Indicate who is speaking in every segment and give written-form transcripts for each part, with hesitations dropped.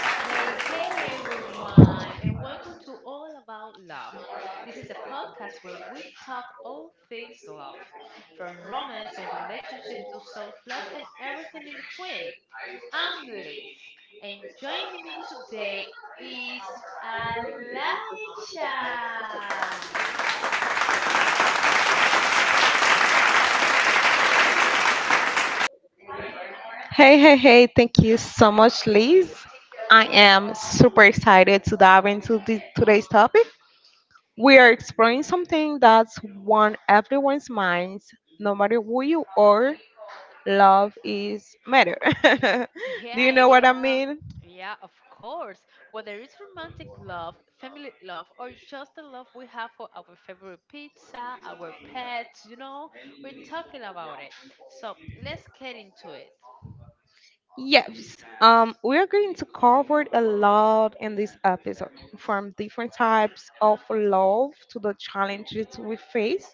Speaker 1: Hey, hey everyone, and welcome to All About Love. This is the podcast where we talk all things love, from romance and relationships to self love and everything in between. I'm Liz, and joining me today is Alicia.
Speaker 2: Hey, hey, hey, thank you so much, Liz. I am super excited to dive into today's topic. We are exploring something that's on everyone's minds, no matter who you are. Love is matter. Do you
Speaker 1: Yeah,
Speaker 2: know what I
Speaker 1: yeah,
Speaker 2: mean?
Speaker 1: yeah, of course. Whether it's romantic love, family love, or just the love we have for our favorite pizza, our pets, we're talking about it. So let's get into it.
Speaker 2: Yes, we are going to cover a lot in this episode, from different types of love to the challenges we face,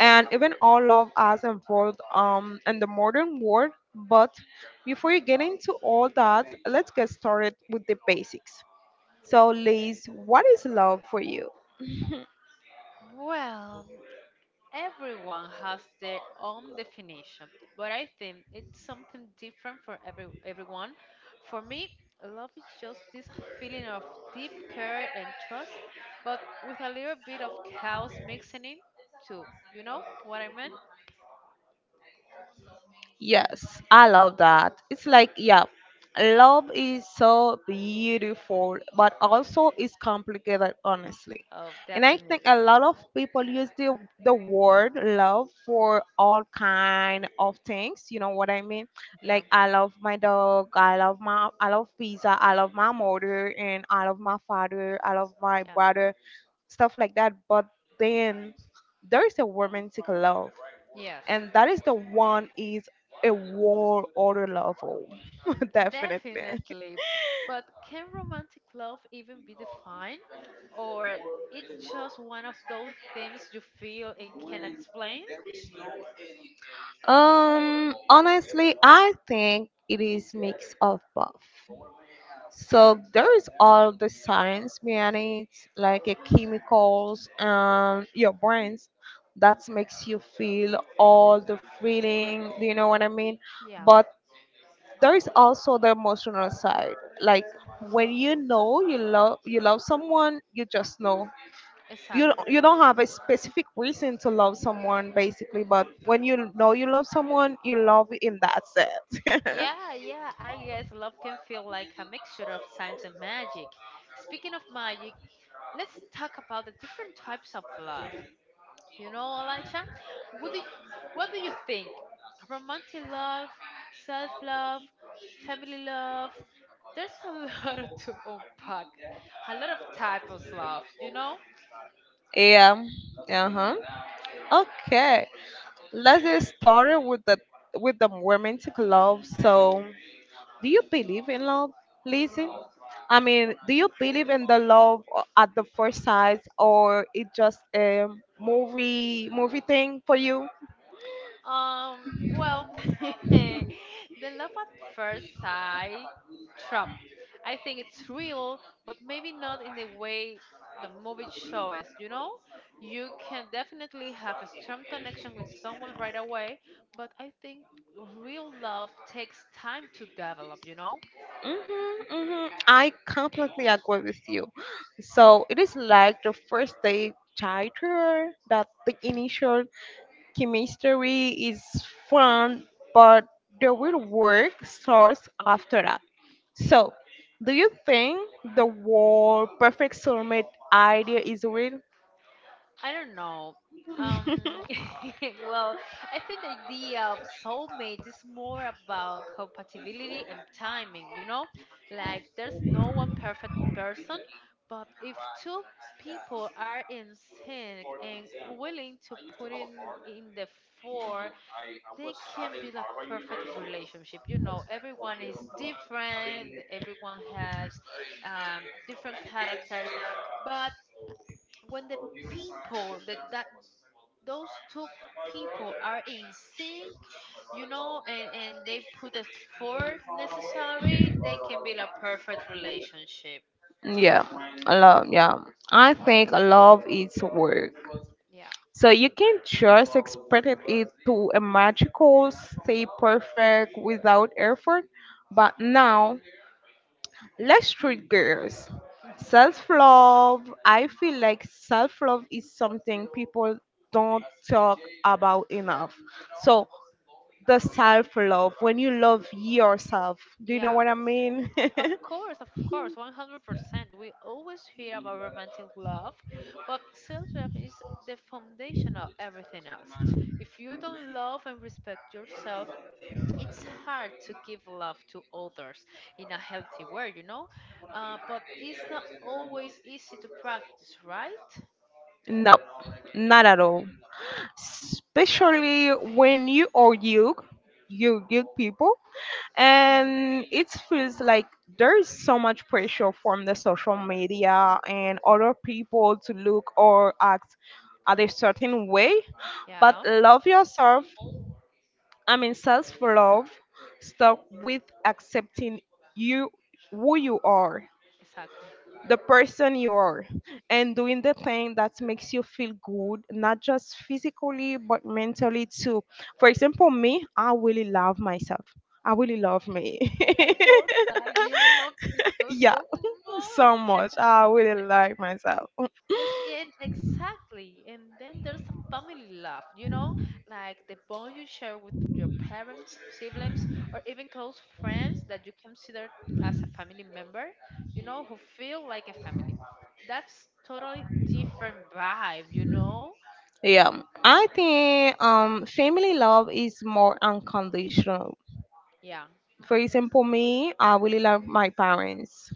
Speaker 2: and even all love as involved in the modern world. But before we get into all that, let's get started with the basics. So, Liz, what is love for you?
Speaker 1: Well, everyone has their own definition, but I think it's something different for everyone. For me, love is just this feeling of deep care and trust, but with a little bit of chaos mixing in too. You know what I mean?
Speaker 2: Yes, I love that. It's like, yeah, love is so beautiful, but also it's complicated, honestly.
Speaker 1: Oh,
Speaker 2: And I
Speaker 1: definitely.
Speaker 2: think a lot of people use the word love for all kind of things. You know what I mean?
Speaker 1: Yeah,
Speaker 2: Like I love my dog, I love pizza, I love my mother, and I love my father, I love my
Speaker 1: yeah,
Speaker 2: brother, stuff like that. But then there's a romantic love,
Speaker 1: yes,
Speaker 2: and that is the one is a world order level. Definitely.
Speaker 1: definitely. But can romantic love even be defined, or it's just one of those things you feel and can explain?
Speaker 2: Honestly, I think it is mix of both. So there is all the science behind it, like chemicals and your brains. That makes you feel all the feeling. Do you know what I mean?
Speaker 1: Yeah.
Speaker 2: But there is also the emotional side. Like when you know you love someone, you just know.
Speaker 1: Exactly.
Speaker 2: You don't have a specific reason to love someone, basically, but when you know you love someone, you love in that sense.
Speaker 1: Yeah, yeah, I guess love can feel like a mixture of science and magic. Speaking of magic, let's talk about the different types of love. You know, Elijah, what do you, what do you think? Romantic love, self love, family love. There's a lot to unpack, a lot of types of love, you know?
Speaker 2: Yeah. Uh-huh. Okay, let's get started with the romantic love. So do you believe in love, Lizzie? I mean, do you believe in the love at the first sight, or it just a movie thing for you?
Speaker 1: Um, well, the love at first sight trap. I think it's real, but maybe not in the way the movie shows. You know, you can definitely have a strong connection with someone right away, but I think real love takes time to develop. You know,
Speaker 2: Mm-hmm, mm-hmm. I completely agree with you. So it is like the first day title that the initial chemistry is fun, but the real work starts after that. So, do you think the word perfect soulmate idea is real?
Speaker 1: I don't know. Um, well, I think the idea of soulmate is more about compatibility and timing, you know? Like, there's no one perfect person, but if two people are in sync and willing to put in the four, they can be the perfect relationship. You know, everyone is different, everyone has different characters, but when the people that those two people are in sync, you know, and they put the effort necessary, they can build a perfect relationship.
Speaker 2: Yeah, love. Yeah, I think love is work.
Speaker 1: Yeah,
Speaker 2: So you can just expect it to a magical stay perfect without effort. But now, let's treat girls. Self love, I feel like self love is something people don't talk about enough. So, the self love, when you love yourself, do you know
Speaker 1: yeah,
Speaker 2: what I mean?
Speaker 1: of course, of course, 100%. We always hear about romantic love, but self-love is the foundation of everything else. If you don't love and respect yourself, it's hard to give love to others in a healthy way, you know, but it's not always easy to practice, right?
Speaker 2: No, not at all. Especially when you are young, you young people,
Speaker 1: Yeah, yeah.
Speaker 2: and it feels like there is so much pressure from the social media and other people to look or act at a certain way. But
Speaker 1: Yeah,
Speaker 2: love yourself. I mean, self love, start with accepting you who you are,
Speaker 1: exactly.
Speaker 2: the person you are, and doing the thing that makes you feel good, not just physically but mentally too. For example, me, I really love myself. I really love me.
Speaker 1: I know that you love yourself
Speaker 2: Yeah.
Speaker 1: so
Speaker 2: So
Speaker 1: much.
Speaker 2: much, I really like myself.
Speaker 1: Yes, and exactly. And then there's a family love, you know, like the bond you share with your parents, siblings, or even close friends that you consider as a family member, you know, who feel like a family. That's totally different vibe, you know?
Speaker 2: Yeah, I think family love is more unconditional.
Speaker 1: Yeah,
Speaker 2: For example, me, I really love my parents.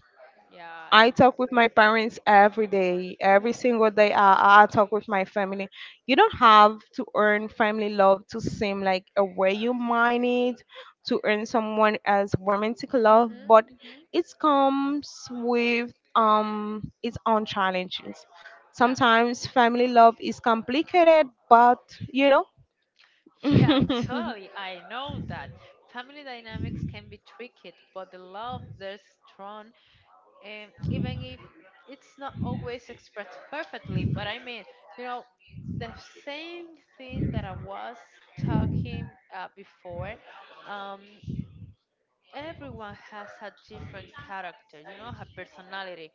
Speaker 1: yeah, I
Speaker 2: I
Speaker 1: know.
Speaker 2: talk with my parents every day, every single day. I talk with my family. You don't have to earn family love to seem like a way you might need to earn someone as romantic love,
Speaker 1: Mm-hmm,
Speaker 2: but
Speaker 1: mm-hmm.
Speaker 2: it comes with its own challenges.
Speaker 1: Yeah,
Speaker 2: Sometimes family love is complicated, but you know.
Speaker 1: yeah,
Speaker 2: Mhm.
Speaker 1: totally. I know that. Family dynamics can be tricky, but the love there's strong, even if it's not always expressed perfectly. But I mean, you know, the same thing that I was talking before. Um, Everyone has a different character, you know, a personality,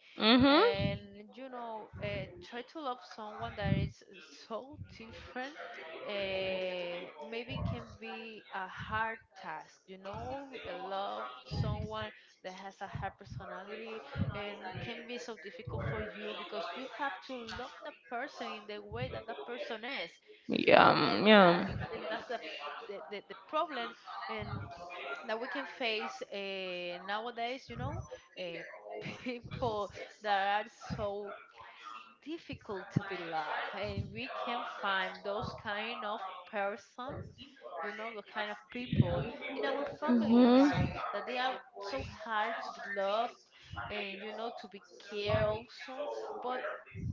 Speaker 1: and you know, try to love someone that is so different. Maybe can be a hard task, you know, love someone that has a hard personality and can be so difficult for you, because you have to love the person in the way that that person is, you know. and
Speaker 2: Yeah.
Speaker 1: that's
Speaker 2: Yeah.
Speaker 1: and that's the problem and that we can face nowadays, you know, uh, people that are so difficult to be loved, and we can find those kind of person, you know, the kind of people in our family also,
Speaker 2: Mhm.
Speaker 1: that they are so hard to be loved and you know to be cared also. But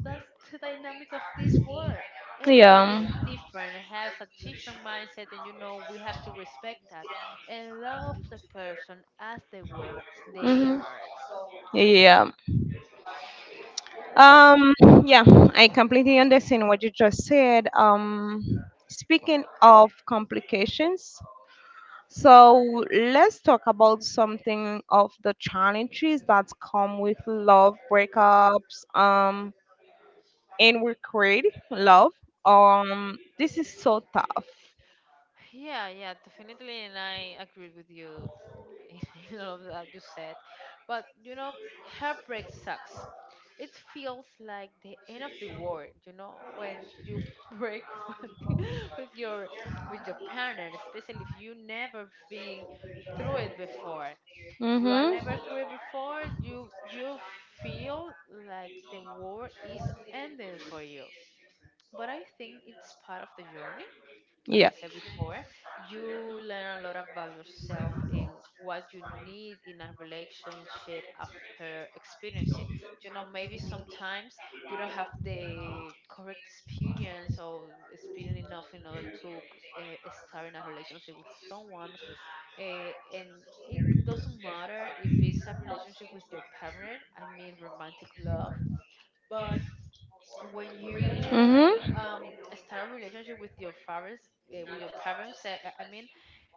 Speaker 1: that's the dynamic of this world. Everyone is
Speaker 2: Yeah.
Speaker 1: different, has a different mindset, and you know we have to respect that and love the person as the way they
Speaker 2: Mhm.
Speaker 1: are.
Speaker 2: Yeah. Um yeah, I completely understand what you just said. Speaking of complications, so let's talk about something of the challenges that come with love breakups and we create love. This is so tough.
Speaker 1: Yeah, yeah, definitely, and I agree with you in all of that you said. But you know, heartbreak sucks. It feels like the end of the world, you know, when you break with with your with your partner, especially if you never been through it before. If you are
Speaker 2: Mhm.
Speaker 1: never through it before, you feel like the war is ending for you. But I think it's part of the journey. As
Speaker 2: Yeah.
Speaker 1: I said before, you learn a lot about yourself and what you need in a relationship after experiencing. You know, maybe sometimes we don't have the correct experience or experience enough in order to start in a relationship with someone. And it doesn't matter if it's a relationship with your partner, I mean, romantic love. But when you
Speaker 2: Mhm.
Speaker 1: um, start a relationship with your fathers, with your parents, I mean,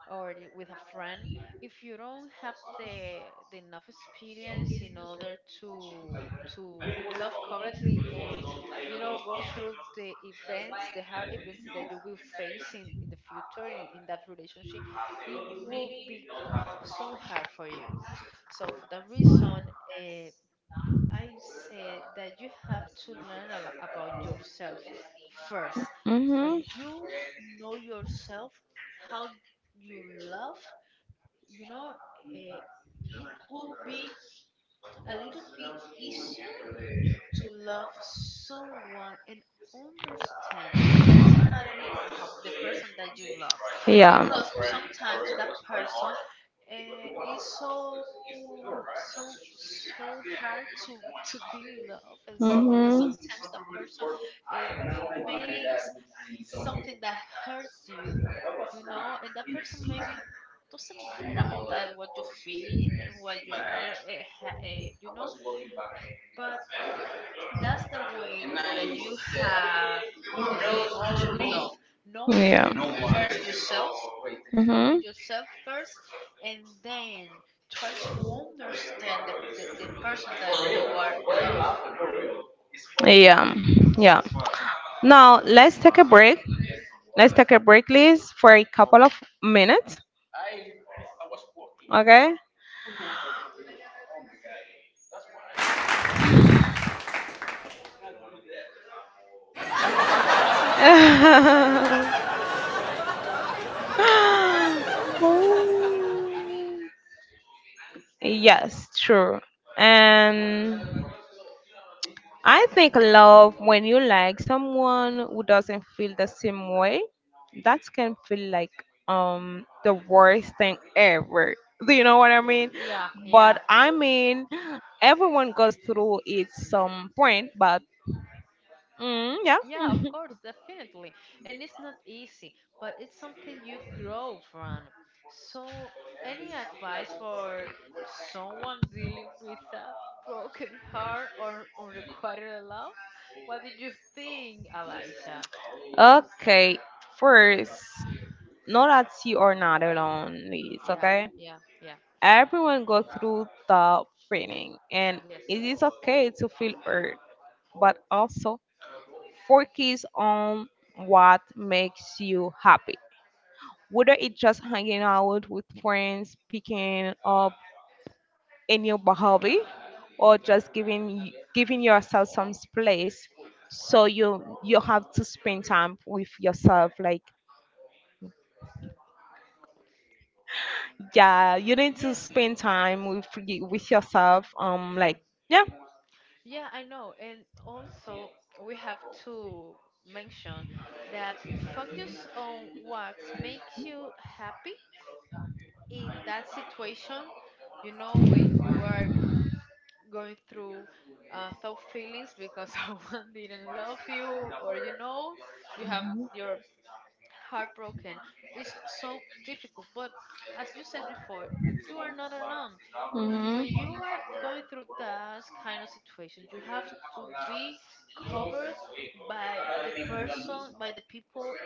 Speaker 1: with a friend, if you don't have the enough experience in order to love correctly and you know go through the events, the hard events that you will face in the future in that relationship, it will be so hard for you. So for that reason, uh, I said that you have to learn a lot about yourself first. When
Speaker 2: Mhm.
Speaker 1: you know yourself, how you love, you know, it will be a little bit easier to love someone and understand the personality of the person that you love,
Speaker 2: Yeah.
Speaker 1: because sometimes that person is so so hard to be loved. And so
Speaker 2: Mhm.
Speaker 1: sometimes that person uh, makes something that hurts you, you know, and that person maybe doesn't matter about that what you feel and what you are you know. But that's the way that you have uh, to love, knowing
Speaker 2: Yeah.
Speaker 1: first yourself, knowing
Speaker 2: Mhm.
Speaker 1: yourself first, and then try to understand the person that you are loving.
Speaker 2: Yeah. Yeah. Now let's take a break. Let's take a break, please, for a couple of minutes. Okay. Oh. Yes, true. And I think love when you like someone who doesn't feel the same way, that can feel like the worst thing ever. Do you know what I mean?
Speaker 1: Yeah, yeah,
Speaker 2: But I mean, everyone goes through it some point. But yeah.
Speaker 1: Yeah, of course, definitely. And it's not easy, but it's something you grow from. So, any advice for someone dealing with a broken heart or unrequited love? What did you think, Elijah?
Speaker 2: Okay, first, know that you are not alone, please.
Speaker 1: Yeah,
Speaker 2: Okay,
Speaker 1: yeah, yeah.
Speaker 2: everyone goes through the feeling, and
Speaker 1: Yes.
Speaker 2: it is okay to feel hurt, but also focus on what makes you happy. Whether it's just hanging out with friends, picking up a new hobby, or just giving yourself some space, so you have to spend time with yourself. Like yeah, you need to
Speaker 1: Yes,
Speaker 2: spend time with with yourself. Like yeah,
Speaker 1: yeah, I know. And also, we have to mention that focus on what makes you happy in that situation, you know, when you are going through tough feelings because someone didn't love you, or you know, you have your heart broken, it's so difficult. But as you said before, you are not alone.
Speaker 2: mhm.
Speaker 1: When you are going through that kind of situation, you have to be covered by the person, by the people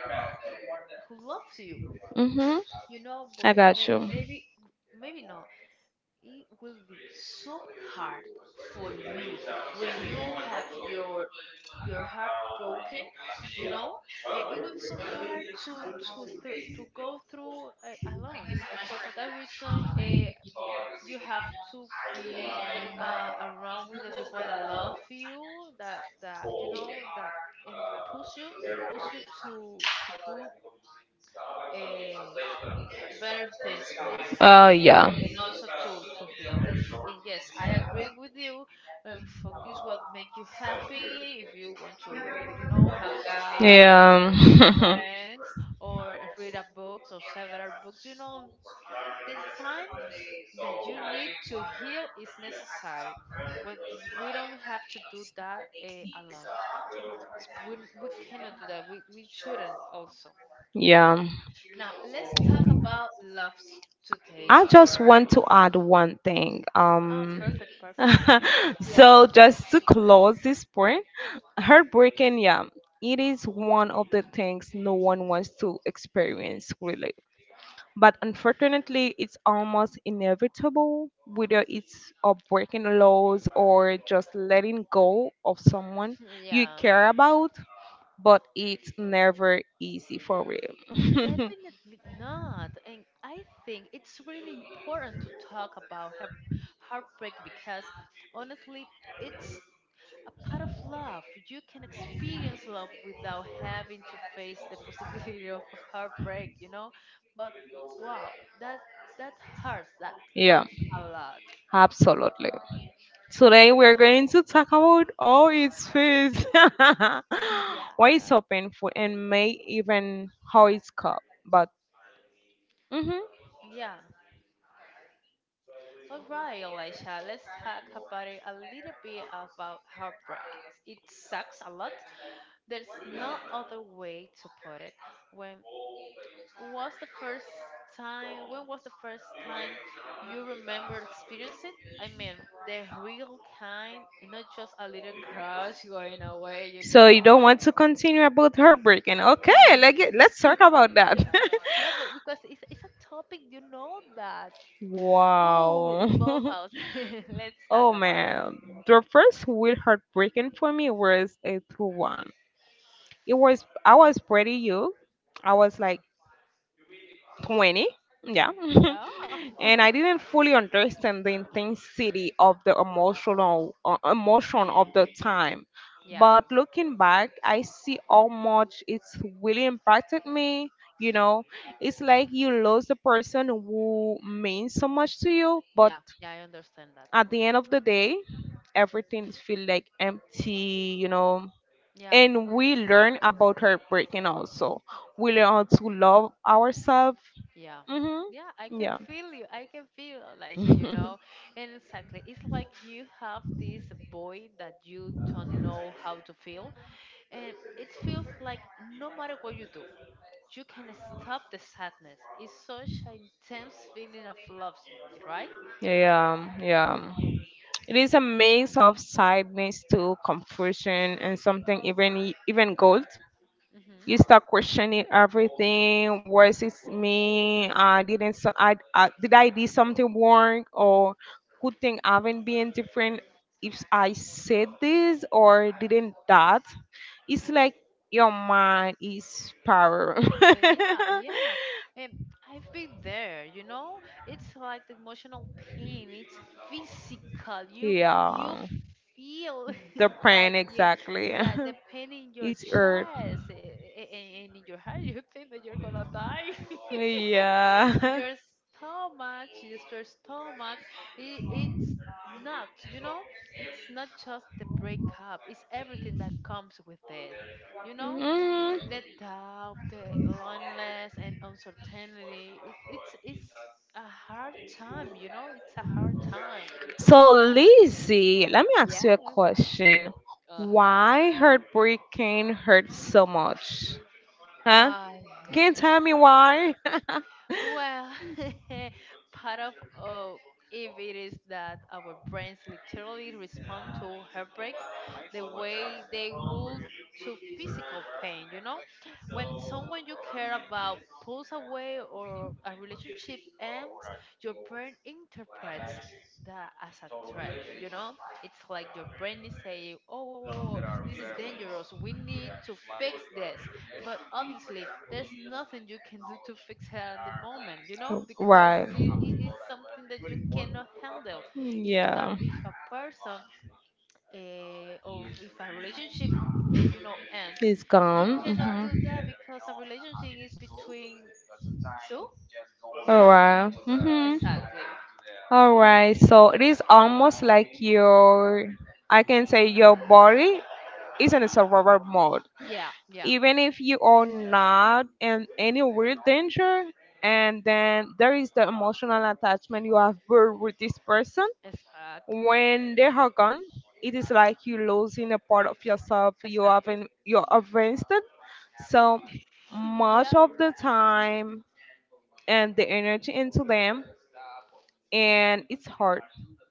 Speaker 1: who loves you.
Speaker 2: Mhm.
Speaker 1: You know, but
Speaker 2: I got you.
Speaker 1: maybe, maybe no. It will be so hard for you when you have your heart broken, you know. It will be so hard to to go through alone. So for that reason, you have to be around with the people that love you, that that you know that, and push you, push you to do uh, better things for you, and,
Speaker 2: Yeah.
Speaker 1: and also to heal. And yes, I agree with you. And focus what makes you happy. If you want to, you know, hang out
Speaker 2: Yeah.
Speaker 1: with your friends or read a books or several books, you know, the time that you need to heal is necessary. But we don't have to do that alone. We cannot do that. We shouldn't also.
Speaker 2: Yeah.
Speaker 1: Now let's talk about love's
Speaker 2: I
Speaker 1: today's
Speaker 2: just
Speaker 1: world.
Speaker 2: want to add one thing.
Speaker 1: Oh, perfect, perfect. Yeah.
Speaker 2: So just to close this point, heartbreaking, yeah, it is one of the things no one wants to experience, really. But unfortunately it's almost inevitable, whether it's of breaking the laws or just letting go of someone you
Speaker 1: Yeah,
Speaker 2: care about, but it's never easy for real.
Speaker 1: definitely not. And I think it's really important to talk about her heartbreak because honestly, it's a part of love. You can experience love without having to face the possibility of heartbreak, you know? But wow, that that hurts. That
Speaker 2: Yeah,
Speaker 1: hurts a lot.
Speaker 2: absolutely. Today we're going to talk about all its feels,
Speaker 1: Yeah.
Speaker 2: why it's so painful and may even how it's coped. But mhm.
Speaker 1: Yeah. All right, Elisha, let's talk about it a little bit about heartbreak. It sucks a lot. There's no other way to put it. When was the first when was the first time you remember experiencing it? I mean, the real kind, not just a little crush going away, you
Speaker 2: So you don't
Speaker 1: know.
Speaker 2: want to continue about heartbreaking. Okay, like let's talk about that.
Speaker 1: Yeah. Yeah, but because it's a topic you know that. Ooh, it
Speaker 2: Wow.
Speaker 1: involves us. Let's
Speaker 2: Oh
Speaker 1: talk about it.
Speaker 2: man. The first weird heartbreaking for me was a true one. It was I was pretty young. I was
Speaker 1: Mm-hmm.
Speaker 2: like 20. Yeah.
Speaker 1: Yeah.
Speaker 2: And I didn't fully understand the intensity of the emotional emotion of the time,
Speaker 1: Yeah,
Speaker 2: but looking back I see how much it's really impacted me. You know, it's like you lose the person who means so much to you, but
Speaker 1: yeah, yeah, I understand that.
Speaker 2: at the end of the day everything feel like empty, you know.
Speaker 1: Yeah,
Speaker 2: And we learn about heartbreaking, also we
Speaker 1: Yeah.
Speaker 2: learn how to love ourselves.
Speaker 1: yeah. Yeah, I
Speaker 2: Mm-hmm.
Speaker 1: can
Speaker 2: Yeah.
Speaker 1: feel you. I can feel Alicia, you know. And exactly, it's like you have this void that you don't know how to feel. And it feels like no matter what you do, you can stop the sadness. It's such an intense feeling of love, right?
Speaker 2: Yeah, yeah. It is a mix of sadness to confusion and something even even gold. You start questioning everything. Was it me? I didn't. So I did something wrong, or could thing haven't been different if I said this or didn't that. It's like your mind is power.
Speaker 1: Yeah, yeah. And I've been there, you know? It's like the emotional pain. It's physical. You
Speaker 2: Yeah.
Speaker 1: feel
Speaker 2: The
Speaker 1: like
Speaker 2: print,
Speaker 1: you
Speaker 2: exactly.
Speaker 1: the pain in your
Speaker 2: It's earth.
Speaker 1: chest and in your heart. You think that you're gonna die.
Speaker 2: Yeah.
Speaker 1: Your stomach, just your stomach, it's not, you know? It's not just the breakup. It's everything that comes with it, you know?
Speaker 2: Mhm.
Speaker 1: The doubt, the loneliness, and uncertainty. It's a hard time, you know. It's a hard time.
Speaker 2: So, Lizzie, let me ask
Speaker 1: Yeah.
Speaker 2: you a question.
Speaker 1: Uh
Speaker 2: Why heartbreaking hurts so much? Huh?
Speaker 1: huh.
Speaker 2: Can you tell me why?
Speaker 1: Well, part of uh, if it is that our brains literally respond to heartbreak the way they would to physical pain, you know? When someone you care about pulls away or a relationship ends, your brain interprets that as a threat, you know? It's like your brain is saying, oh, oh, oh, oh, this is dangerous. We need to fix this. But obviously, there's nothing you can do to fix her at the moment, you know, because
Speaker 2: Right.
Speaker 1: it is something that you cannot handle. If that
Speaker 2: Yeah.
Speaker 1: if a person or if a relationship, you know, ends,
Speaker 2: It's
Speaker 1: you
Speaker 2: gone.
Speaker 1: cannot do that
Speaker 2: Mhm.
Speaker 1: because a relationship is between two, you
Speaker 2: All
Speaker 1: know.
Speaker 2: right. Mhm.
Speaker 1: Exactly.
Speaker 2: All right. So it is almost like your, I can say your body is in a survival mode.
Speaker 1: Yeah. Yeah.
Speaker 2: Even if you are not in any real danger, and then there is the emotional attachment you have built with this person.
Speaker 1: Exactly.
Speaker 2: When they are gone it is like you losing a part of yourself.
Speaker 1: Exactly.
Speaker 2: You have invested so much
Speaker 1: yeah.
Speaker 2: of the time and the energy into them, and it's hard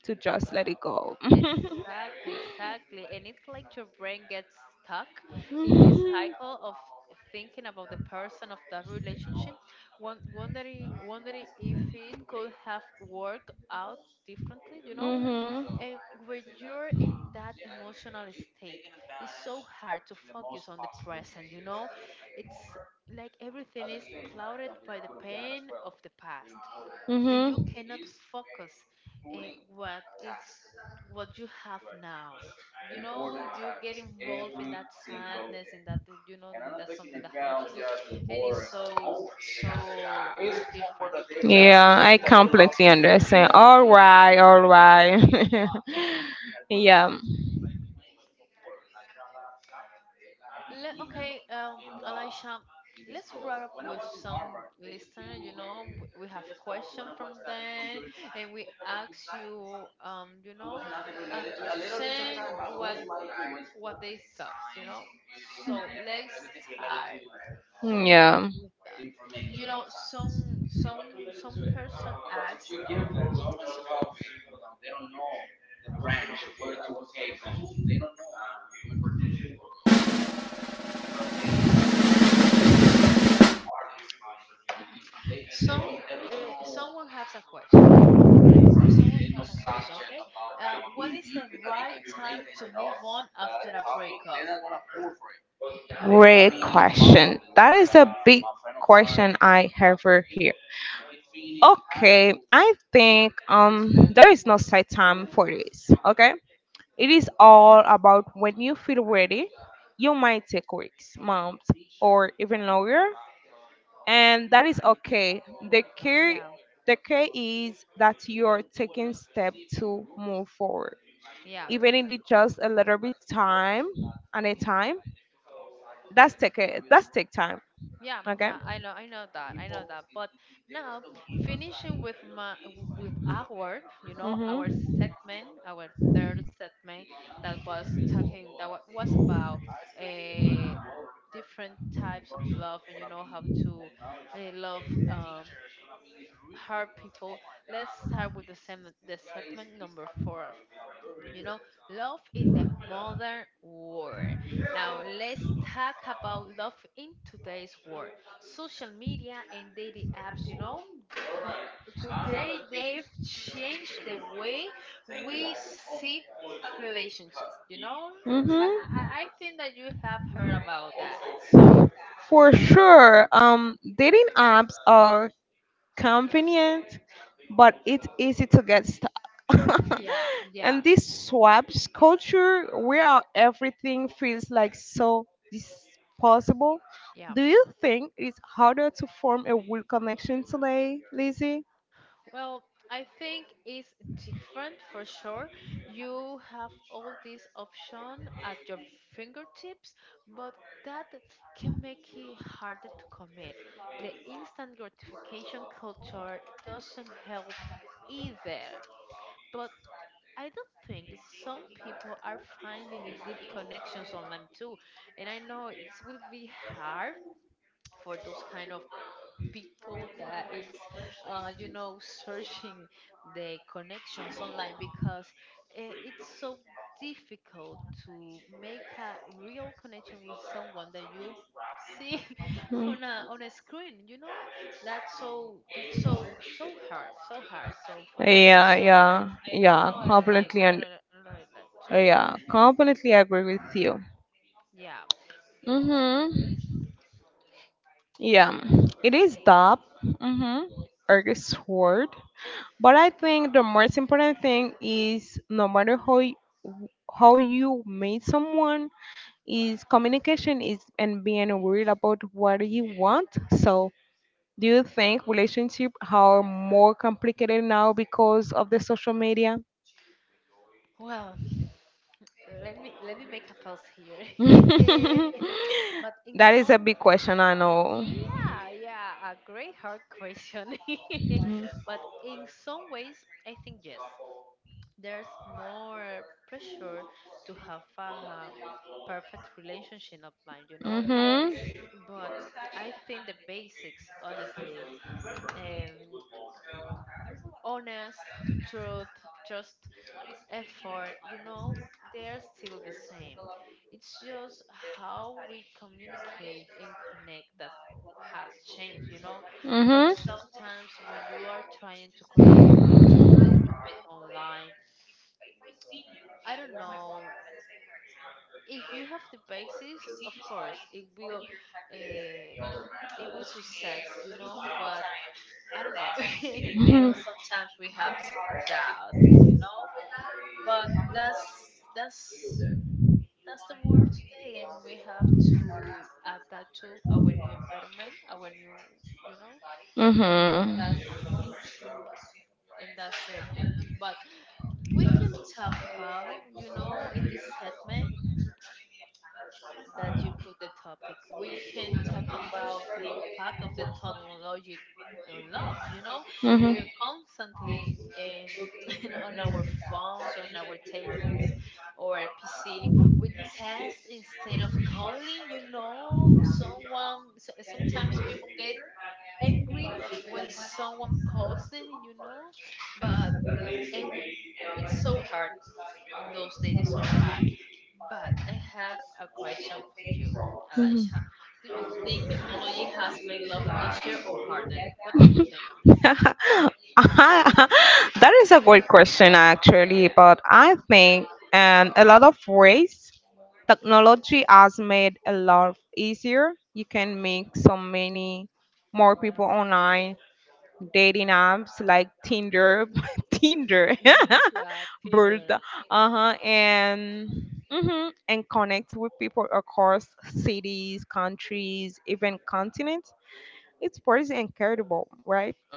Speaker 2: to just let it go.
Speaker 1: Exactly, exactly. And it's like your brain gets stuck in this
Speaker 2: Mhm.
Speaker 1: cycle of thinking about the person of that relationship, wondering, wondering if it could have worked out differently, you know?
Speaker 2: Mhm.
Speaker 1: And when you're in that emotional state, it's so hard to focus on the present, you know? It's like everything is clouded by the pain of the past and
Speaker 2: Mhm.
Speaker 1: you cannot focus eh, what it's what you have now. You know, you get involved in that sadness, in that you know, in that something that hurts you, and it's so so different.
Speaker 2: Yeah, I
Speaker 1: Yeah,
Speaker 2: completely understand. All right, all right.
Speaker 1: yeah.
Speaker 2: Yeah,
Speaker 1: Okay, Elisha, let's wrap up with some listener, you know, we have question from them, and we ask you, you know, um, to send what they serve, you know. So let's start
Speaker 2: yeah.
Speaker 1: with that. You know, some some person asks, so, mm, mm, some someone has a question. Someone has a question. Okay, when is the right time to move on after a breakup?
Speaker 2: Great question. That is a big question I have here. Okay, I think there is no set time for this. Okay, it is all about when you feel ready. You might take weeks, months, or even longer, and that is okay. The care,
Speaker 1: Yeah,
Speaker 2: the care is that you're taking step to move forward,
Speaker 1: yeah.
Speaker 2: even if it's just a little bit time and a time. That's take it. That's take time.
Speaker 1: Yeah,
Speaker 2: Okay.
Speaker 1: yeah, I know that, I know that. But now, finishing with my with our, you know, our
Speaker 2: Mhm.
Speaker 1: segment, our third segment that was talking that was about uh, different types of love, and you know how to love hurt people. Let's start with the segment number four, you know, love in the modern world. Now, let's talk about love in today's world. Social media and dating apps, you know, th- today they've changed the way we see relationships, you know. I, I,
Speaker 2: Mm-hmm.
Speaker 1: I I think that you have heard about that. So,
Speaker 2: For sure. Dating apps are convenient, but it's easy to get stuck.
Speaker 1: yeah, yeah,
Speaker 2: And this swaps culture where everything feels like so disposable.
Speaker 1: yeah.
Speaker 2: Do you think it's harder to form a real connection today, Lizzie?
Speaker 1: Well, I think it's different for sure. You have all this option at your fingertips, but that can make it harder to commit. The instant gratification culture doesn't help either. But I don't think, some people are finding deep connections online too. And I know it will be hard for those kind of people that is, you know, searching the connections online because it's so difficult to make a real connection with someone that you see
Speaker 2: Hmm.
Speaker 1: on a screen. You know, that's so so hard, so hard. So for that reason,
Speaker 2: Yeah, yeah,
Speaker 1: I you know,
Speaker 2: yeah, completely,
Speaker 1: I don't,
Speaker 2: and
Speaker 1: I don't really like to.
Speaker 2: yeah, completely agree with you.
Speaker 1: Yeah.
Speaker 2: Mm-hmm. Yeah, it is top. Mm-hmm. Eric's word. But I think the most important thing is no matter how you meet someone is communication is and being worried about what you want. So do you think relationship are more complicated now because of the social media?
Speaker 1: Well, let me make a pause here. but in
Speaker 2: That is a
Speaker 1: some.
Speaker 2: big question, I know.
Speaker 1: Yeah, yeah, a great hard question.
Speaker 2: Mhm.
Speaker 1: But in some ways, I think yes. There's more pressure to have a perfect relationship of mine, you know?
Speaker 2: Mhm.
Speaker 1: But I think the basics, honestly, um, honest, truth, trust, effort, you know, they're still the same. It's just how we communicate and connect that has changed, you know. But
Speaker 2: Mhm.
Speaker 1: sometimes when you are trying to connect with a person that you met online, I don't know if you have the basis. Of course, uh, it will success, you know. But I don't know, you
Speaker 2: Mhm.
Speaker 1: know. Sometimes we have doubts, and you know, but that's that's the world today, and we have to adapt to our new environment, our new, you know, and
Speaker 2: Mhm.
Speaker 1: that's and that's the thing. But we can talk about, you know, in this segment, that you put the topic. We can talk about the impact of the technology on love. You know, we're constantly in, in on our phones, on our tables, or PC. We test instead of calling. You know, someone. Sometimes people get angry when someone calls them. You know, but it, w- it's so hard in those days, it's so hard. But I have a question for you, Elisha. Do you think technology has made love easier or harder? What do you
Speaker 2: Mhm.
Speaker 1: think?
Speaker 2: That is a great question, actually.
Speaker 1: Yeah.
Speaker 2: But I think, in a lot of ways, technology has made a lot easier. You can meet so many more people online dating apps like Tinder, Tinder,
Speaker 1: yeah,
Speaker 2: bird,
Speaker 1: Tinder.
Speaker 2: and mhm, and connect with people across cities, countries, even continents. It's pretty incredible, right?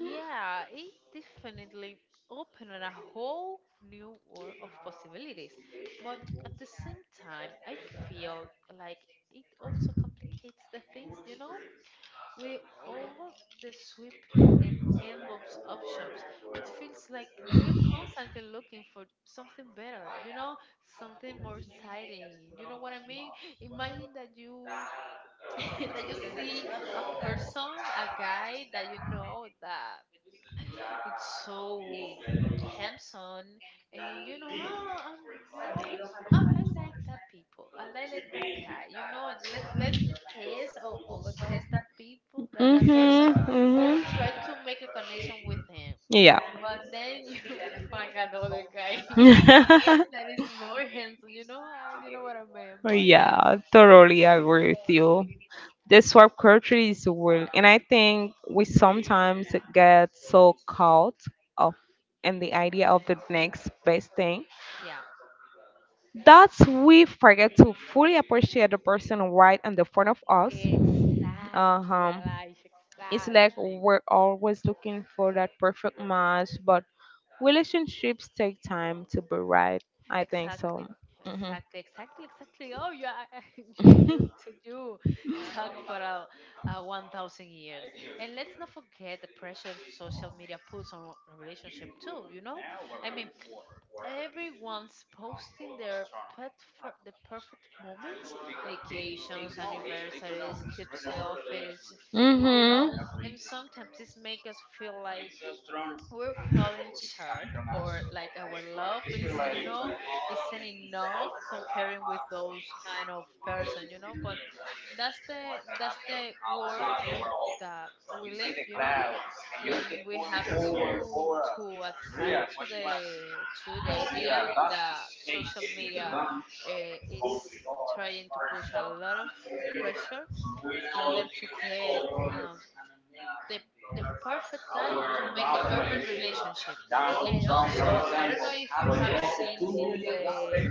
Speaker 1: Yeah, it definitely opened a whole new world of possibilities. But at the same time, I feel like it also complicates the things, you know? With all the sweeping and endless options, it feels like we're constantly looking for something better, you know, something more exciting. You know what I mean? Imagine that you that you see a person, a guy that you know that it's so handsome, and you know, ah, I'm, you know, I like that people. Like that guy. You know, let me test, or test that people, that person,
Speaker 2: Mhm.
Speaker 1: or
Speaker 2: Mhm.
Speaker 1: try to make a connection with him.
Speaker 2: Yeah.
Speaker 1: But then you find another guy that is more handsome. You know, I, you know what I mean. But yeah,
Speaker 2: Yeah, totally agree with you. The swap culture is real, and I think we sometimes get so caught up in the idea of the next best thing
Speaker 1: yeah.
Speaker 2: that we forget to fully appreciate the person right in the front of us.
Speaker 1: Exactly,
Speaker 2: Uh-huh.
Speaker 1: Alice.
Speaker 2: It's like
Speaker 1: Exactly.
Speaker 2: we're always looking for that perfect match, but relationships take time to be right. I think so.
Speaker 1: Exactly,
Speaker 2: Mm-hmm.
Speaker 1: exactly, exactly, exactly. Oh, yeah, you, you, you talk for a, 1,000 years, and let's not forget the pressure social media puts on a relationship too. You know, I mean, everyone's posting their pet for the perfect moments, vacations, anniversaries, keep selfies.
Speaker 2: Mm-hmm.
Speaker 1: You know,
Speaker 2: Mm-hmm.
Speaker 1: and sometimes this makes us feel like we're falling short, or like our love isn't isn't enough comparing with those kind of person, you know, but that's the world, and that we live, you know, and we have to attach to the idea that social media it's trying to push a lot of pressure in order to get um, the the perfect guy to make the perfect relationship. And also, I don't know if you have seen in the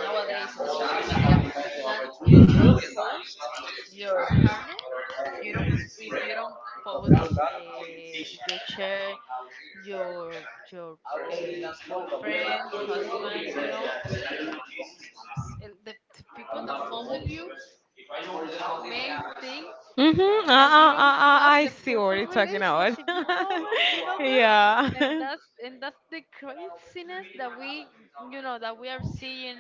Speaker 1: nowadays in the social media that if you don't post your partner, if you don't if you don't publish your share your your boyfriend, husband, you know, the people that follow you may think
Speaker 2: Uh, uh, uh,
Speaker 1: that you don't have
Speaker 2: I
Speaker 1: the
Speaker 2: see what you're
Speaker 1: perfect
Speaker 2: talking about.
Speaker 1: relationship, you know, man, you know, girl,
Speaker 2: Yeah.
Speaker 1: and that's the craziness that we, you know, that we are seeing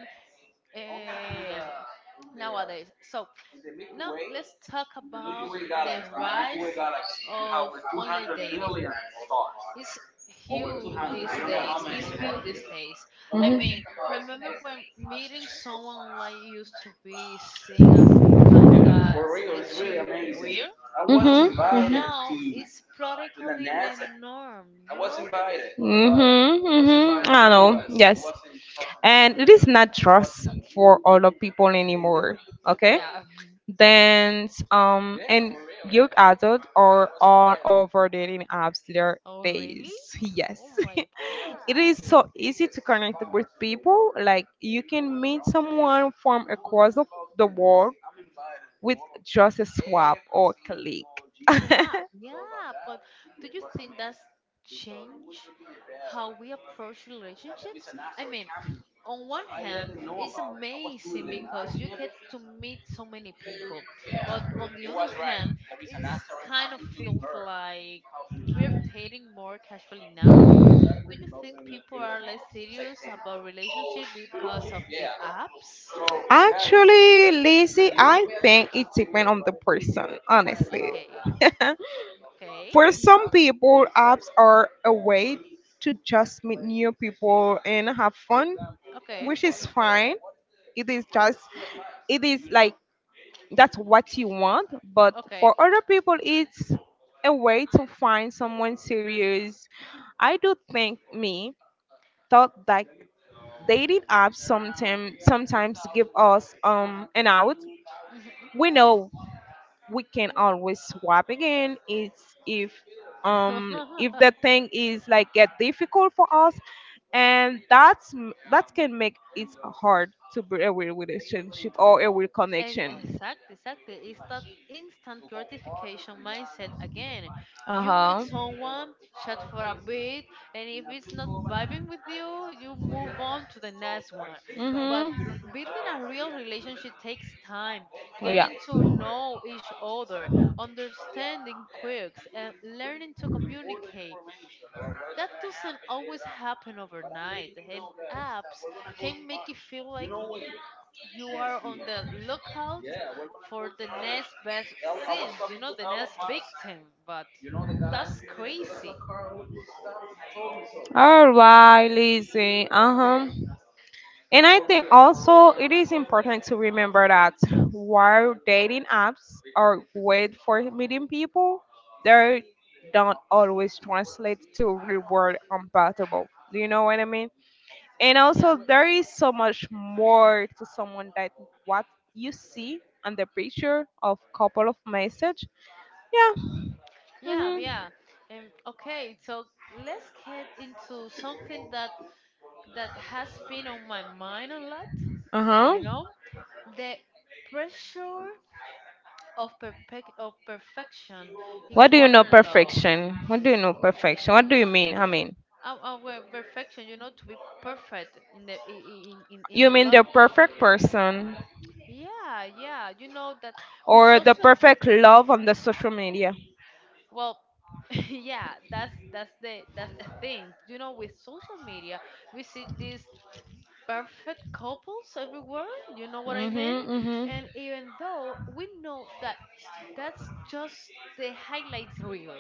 Speaker 1: um nowadays. So now let's talk about the rise of online dating. It's huge these days. It's huge these days. I mean,
Speaker 2: Mm-hmm.
Speaker 1: remember when meeting someone online used to be seen as kinda sketchy or weird, you know?
Speaker 2: Mm-hmm. Mm-hmm.
Speaker 1: Now it's practically the norm, you know?
Speaker 2: Mm-hmm, mm-hmm. I know. Yes. And it is not trust for older people anymore. Okay.
Speaker 1: Um,
Speaker 2: Then and young adults are all over dating apps their
Speaker 1: Oh, really?
Speaker 2: days. Yes.
Speaker 1: Oh my
Speaker 2: It is
Speaker 1: God.
Speaker 2: so easy to connect with people. Like you can meet someone from across the world with just a swap or click.
Speaker 1: Yeah, yeah, but do you think that's changed how we approach relationships? I mean, on one hand, it's amazing because you get to meet so many people. But on the other hand, it's kind of feels like we're dating more casually now. Do you think people are less serious about relationship because of the apps?
Speaker 2: Actually, lazy, I think it depends on the person, honestly.
Speaker 1: Okay, okay,
Speaker 2: For some people, apps are a way to just meet new people and have fun,
Speaker 1: okay,
Speaker 2: which is fine. It is just, it is like that's what you want. But
Speaker 1: okay.
Speaker 2: for other people, it's a way to find someone serious. I do think me thought that dating apps sometimes give us an out. We know we can always swap again. It's if the thing is like get difficult for us, and that can make it hard to be a real relationship or a real connection.
Speaker 1: Exact, exactly. It's that instant gratification mindset again. You meet
Speaker 2: Uh-huh.
Speaker 1: someone, chat for a bit, and if it's not vibing with you, you move on to the next one. But
Speaker 2: Mm-hmm.
Speaker 1: building a real relationship takes time,
Speaker 2: Yeah.
Speaker 1: getting to know each other, understanding quirks, and learning to communicate. That doesn't always happen overnight, and apps can make it feel like you are on the lookout for the next best thing, you know, the next victim. But that's crazy.
Speaker 2: All right, Lizzie. Uh-huh. And I think also it is important to remember that while dating apps are great for meeting people, they don't always translate to real world compatible. Do you know what I mean? And
Speaker 1: Yeah.
Speaker 2: also there is so much more to someone that what you see on the picture of couple of message. Yeah.
Speaker 1: Yeah,
Speaker 2: Hmm.
Speaker 1: yeah. And okay, so let's get into something that has been on my mind a lot.
Speaker 2: Uh huh.
Speaker 1: You know, the pressure of of perfection
Speaker 2: What
Speaker 1: in
Speaker 2: do you know
Speaker 1: modern love.
Speaker 2: perfection?
Speaker 1: Uh,
Speaker 2: What do you know perfection? What do you mean? I mean,
Speaker 1: our perfection, you know, to be perfect in the in, in
Speaker 2: you
Speaker 1: the
Speaker 2: mean the
Speaker 1: love.
Speaker 2: perfect person
Speaker 1: Yeah, yeah. You know that with
Speaker 2: or the
Speaker 1: social,
Speaker 2: perfect love on the social media.
Speaker 1: well, yeah, that's the thing. You know, with social media, we see these perfect couples everywhere. You know what I mean?
Speaker 2: Mhm, mhm.
Speaker 1: And even though we know that that's just the highlights reel,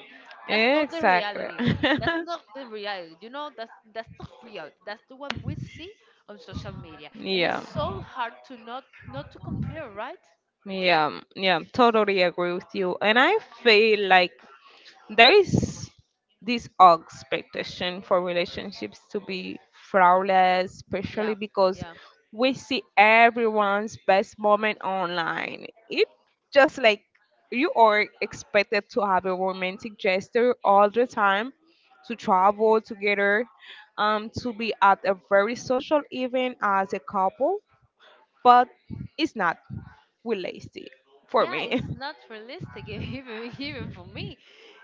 Speaker 1: that's not the
Speaker 2: Exactly.
Speaker 1: reality. That's not the reality. You know, that's not real. That's the what we see on social media, and it's
Speaker 2: Yeah.
Speaker 1: so hard to not to compare, right?
Speaker 2: Yeah, yeah, totally agree with you. And I feel like there is this expectation for relationships to be flawless, especially
Speaker 1: Yeah,
Speaker 2: because
Speaker 1: yeah.
Speaker 2: we see everyone's best moment online. It just like you are expected to have a romantic gesture all the time, to travel together, to be at a very social event as a couple, but it's not. We're lazy for
Speaker 1: Yeah,
Speaker 2: me.
Speaker 1: it's not realistic even even for me.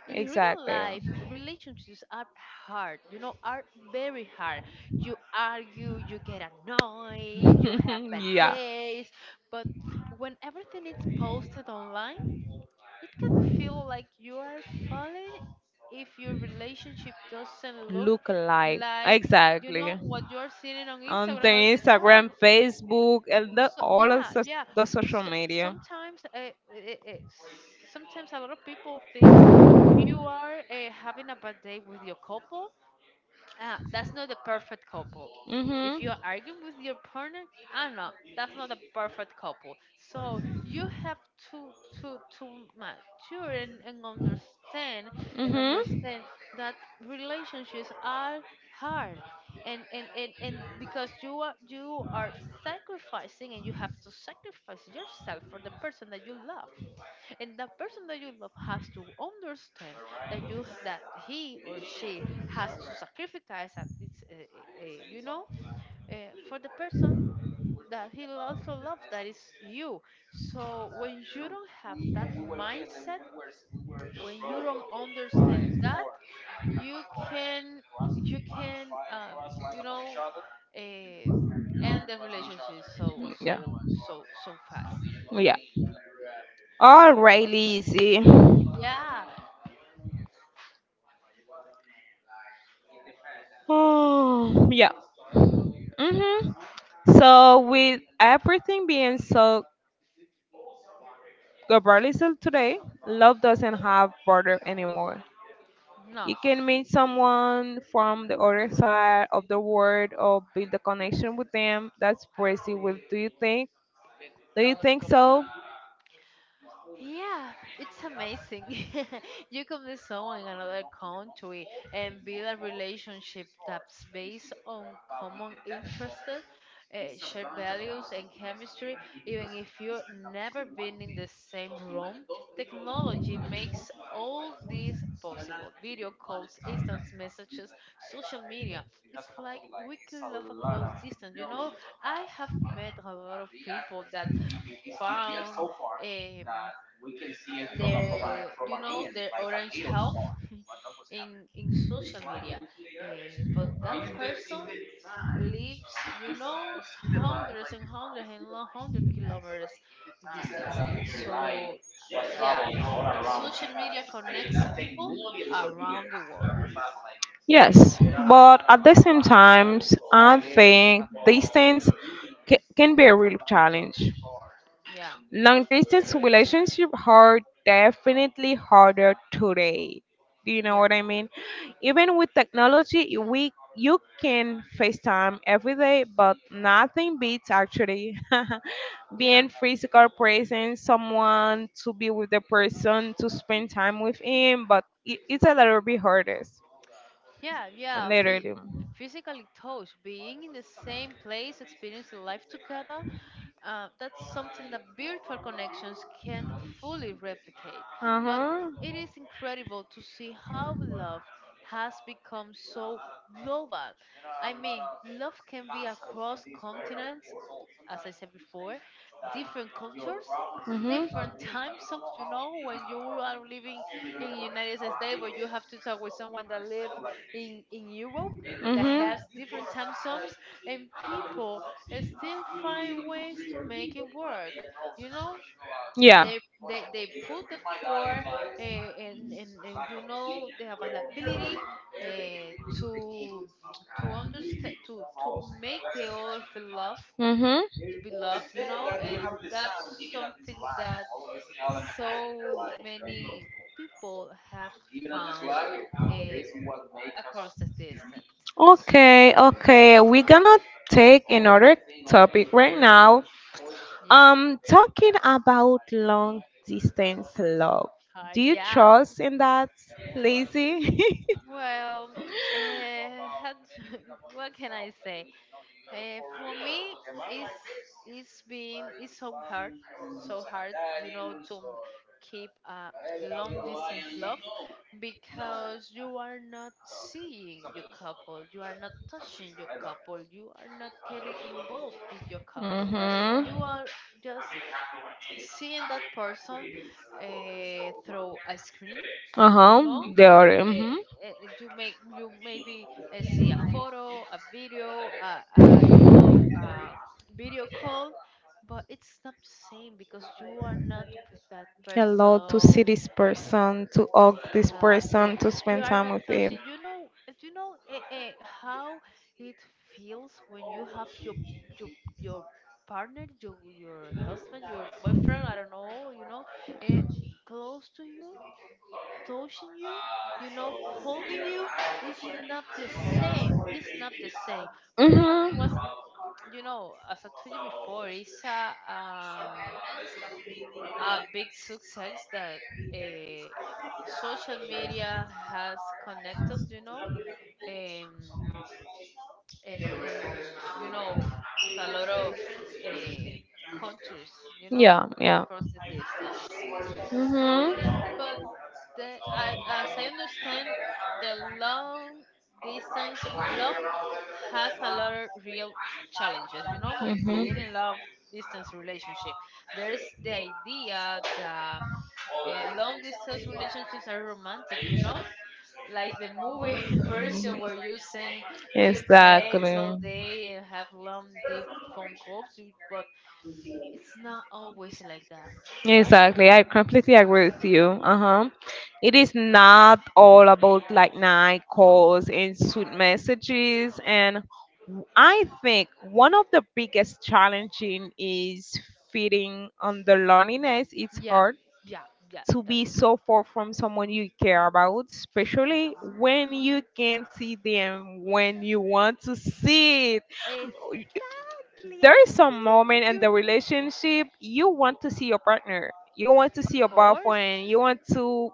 Speaker 1: In real
Speaker 2: Exactly.
Speaker 1: life, relationships are hard. You know, are very hard. You argue, you get annoyed, you have bad
Speaker 2: Yeah.
Speaker 1: days, but when everything is posted online, it can feel like you are falling if your relationship doesn't look
Speaker 2: Look alike.
Speaker 1: like, you
Speaker 2: Exactly.
Speaker 1: know, what you're seeing on
Speaker 2: On the
Speaker 1: Instagram or TikTok.
Speaker 2: Instagram, Facebook, and the,
Speaker 1: So
Speaker 2: all of
Speaker 1: yeah,
Speaker 2: so-
Speaker 1: yeah.
Speaker 2: the social
Speaker 1: So,
Speaker 2: media.
Speaker 1: sometimes it, it, sometimes a lot of people thinks if you are having a bad day with your couple. Ah, that's not the perfect couple. If
Speaker 2: Mhm.
Speaker 1: you're arguing with your partner, I don't know, that's not the perfect couple. So you have to to mature and understand and
Speaker 2: Mhm.
Speaker 1: understand that relationships are hard. And because you are sacrificing and you have to sacrifice yourself for the person that you love, and the person that you love has to understand that you that he or she has to sacrifice at least uh, for the person that he also loves, that is you. So when you don't have that mindset, when you don't understand that, you can you can um, you know uh, end the relationship so
Speaker 2: Yeah.
Speaker 1: so so so fast.
Speaker 2: Yeah. All right, Lizzie.
Speaker 1: Yeah.
Speaker 2: Oh, yeah. Mhm. So with everything being so globalized today, love doesn't have border anymore.
Speaker 1: No.
Speaker 2: It can meet someone from the other side of the world or build a connection with them. That's pretty well. Do you think? Do you think so?
Speaker 1: Yeah, it's amazing. You can meet someone in another country and build a relationship that's based on common interests, shared values, and chemistry, even if you've never been in the same room. Technology makes all this possible: video calls, instant messages, social media. It's like we can love across distance. You know, I have met a lot of people that found. Um, their their orange health in in social media. Eh, but that person lives, you know, hundreds and hundreds and hundred kilometers distance. So yeah, social media connects people around the world.
Speaker 2: Yes, but at the same time, I think distance can be a real challenge.
Speaker 1: Yeah
Speaker 2: Long distance relationships are definitely harder today. Do you know
Speaker 1: yeah
Speaker 2: what I mean? Even with technology, we you can FaceTime every day, but nothing beats actually
Speaker 1: yeah.
Speaker 2: being physical presence, someone to be with the person, to spend time with him, but it's a little bit hardest,
Speaker 1: Yeah, yeah.
Speaker 2: literally.
Speaker 1: Physical touch, being in the same place, experiencing life together, that's something that virtual connections can't fully replicate.
Speaker 2: Uh
Speaker 1: But
Speaker 2: huh.
Speaker 1: it is incredible to see how love has become so global. I mean, love can be across continents, as I said before, different cultures,
Speaker 2: Mhm.
Speaker 1: different time zones. You know, when you are living in United States, but you have to talk with someone that live in Europe, that
Speaker 2: Mhm.
Speaker 1: has different time zones. And people, eh, still find ways to make it work. You know,
Speaker 2: Yeah.
Speaker 1: they they put the four, and you know, the availability, uh, to understand, to make the other feel love,
Speaker 2: Mhm.
Speaker 1: to be loved, you know. And that's something that so many people have found, uh, across the distance.
Speaker 2: Okay. Okay. We're gonna take another topic right now.
Speaker 1: Yeah,
Speaker 2: Talking about long distance love. Do you
Speaker 1: yeah.
Speaker 2: trust in that, Lazy?
Speaker 1: Well, uh, what can I say? For me, it's it's so hard, you know, to keep a long distance love, because you are not seeing your couple, you are not touching your couple, you are not getting involved with your couple, you
Speaker 2: Mm-hmm.
Speaker 1: are just seeing that person, through a screen, you know.
Speaker 2: Uh-huh. They are. Mm-hmm.
Speaker 1: uh, uh, you make, you maybe, see a photo, a video, you know, video call, but it's not the same because you are not with that
Speaker 2: Hello to see
Speaker 1: person.
Speaker 2: this person, to hug this
Speaker 1: Exactly.
Speaker 2: person, to
Speaker 1: You
Speaker 2: spend
Speaker 1: are
Speaker 2: time
Speaker 1: not
Speaker 2: with him.
Speaker 1: touching. You know, do you know, how it feels when you have your your your partner, your husband, your boyfriend. I don't know. You know, eh, close to you, touching you. You know, hugging you. It's not the same. It's not the same. But was,
Speaker 2: Mm-hmm.
Speaker 1: you know, as I told you before, it's a. A big success that, uh, social media has connected us, you know, um, and, and, you know, with a lot of, uh, countries, you know,
Speaker 2: Yeah. Yeah.
Speaker 1: across the distance. Yeah,
Speaker 2: Mm-hmm.
Speaker 1: but I, as I understand, the long distance love has a lot of real challenges. You know, of
Speaker 2: Mm-hmm.
Speaker 1: being in love distance relationship. There's the idea that, long distance relationships are romantic. You know, like the movie version where you sing cute text
Speaker 2: Exactly.
Speaker 1: all day and have long deep phone calls. But it's not always like that, right?
Speaker 2: Exactly. I completely agree with you. Uh-huh. It is not all about like night calls and sweet messages, and I think one of the biggest challenging is feeding on the loneliness. It's
Speaker 1: Yeah,
Speaker 2: hard
Speaker 1: yeah, yeah,
Speaker 2: to
Speaker 1: that's
Speaker 2: be
Speaker 1: true.
Speaker 2: so far from someone you care about,
Speaker 1: Yeah.
Speaker 2: especially when you
Speaker 1: Mhm.
Speaker 2: can see them when you want to see it.
Speaker 1: Exactly. I
Speaker 2: There is some
Speaker 1: mean,
Speaker 2: moment in
Speaker 1: you
Speaker 2: the
Speaker 1: need.
Speaker 2: relationship you want to see your partner, you want to see
Speaker 1: Of
Speaker 2: your
Speaker 1: course.
Speaker 2: boyfriend, you want to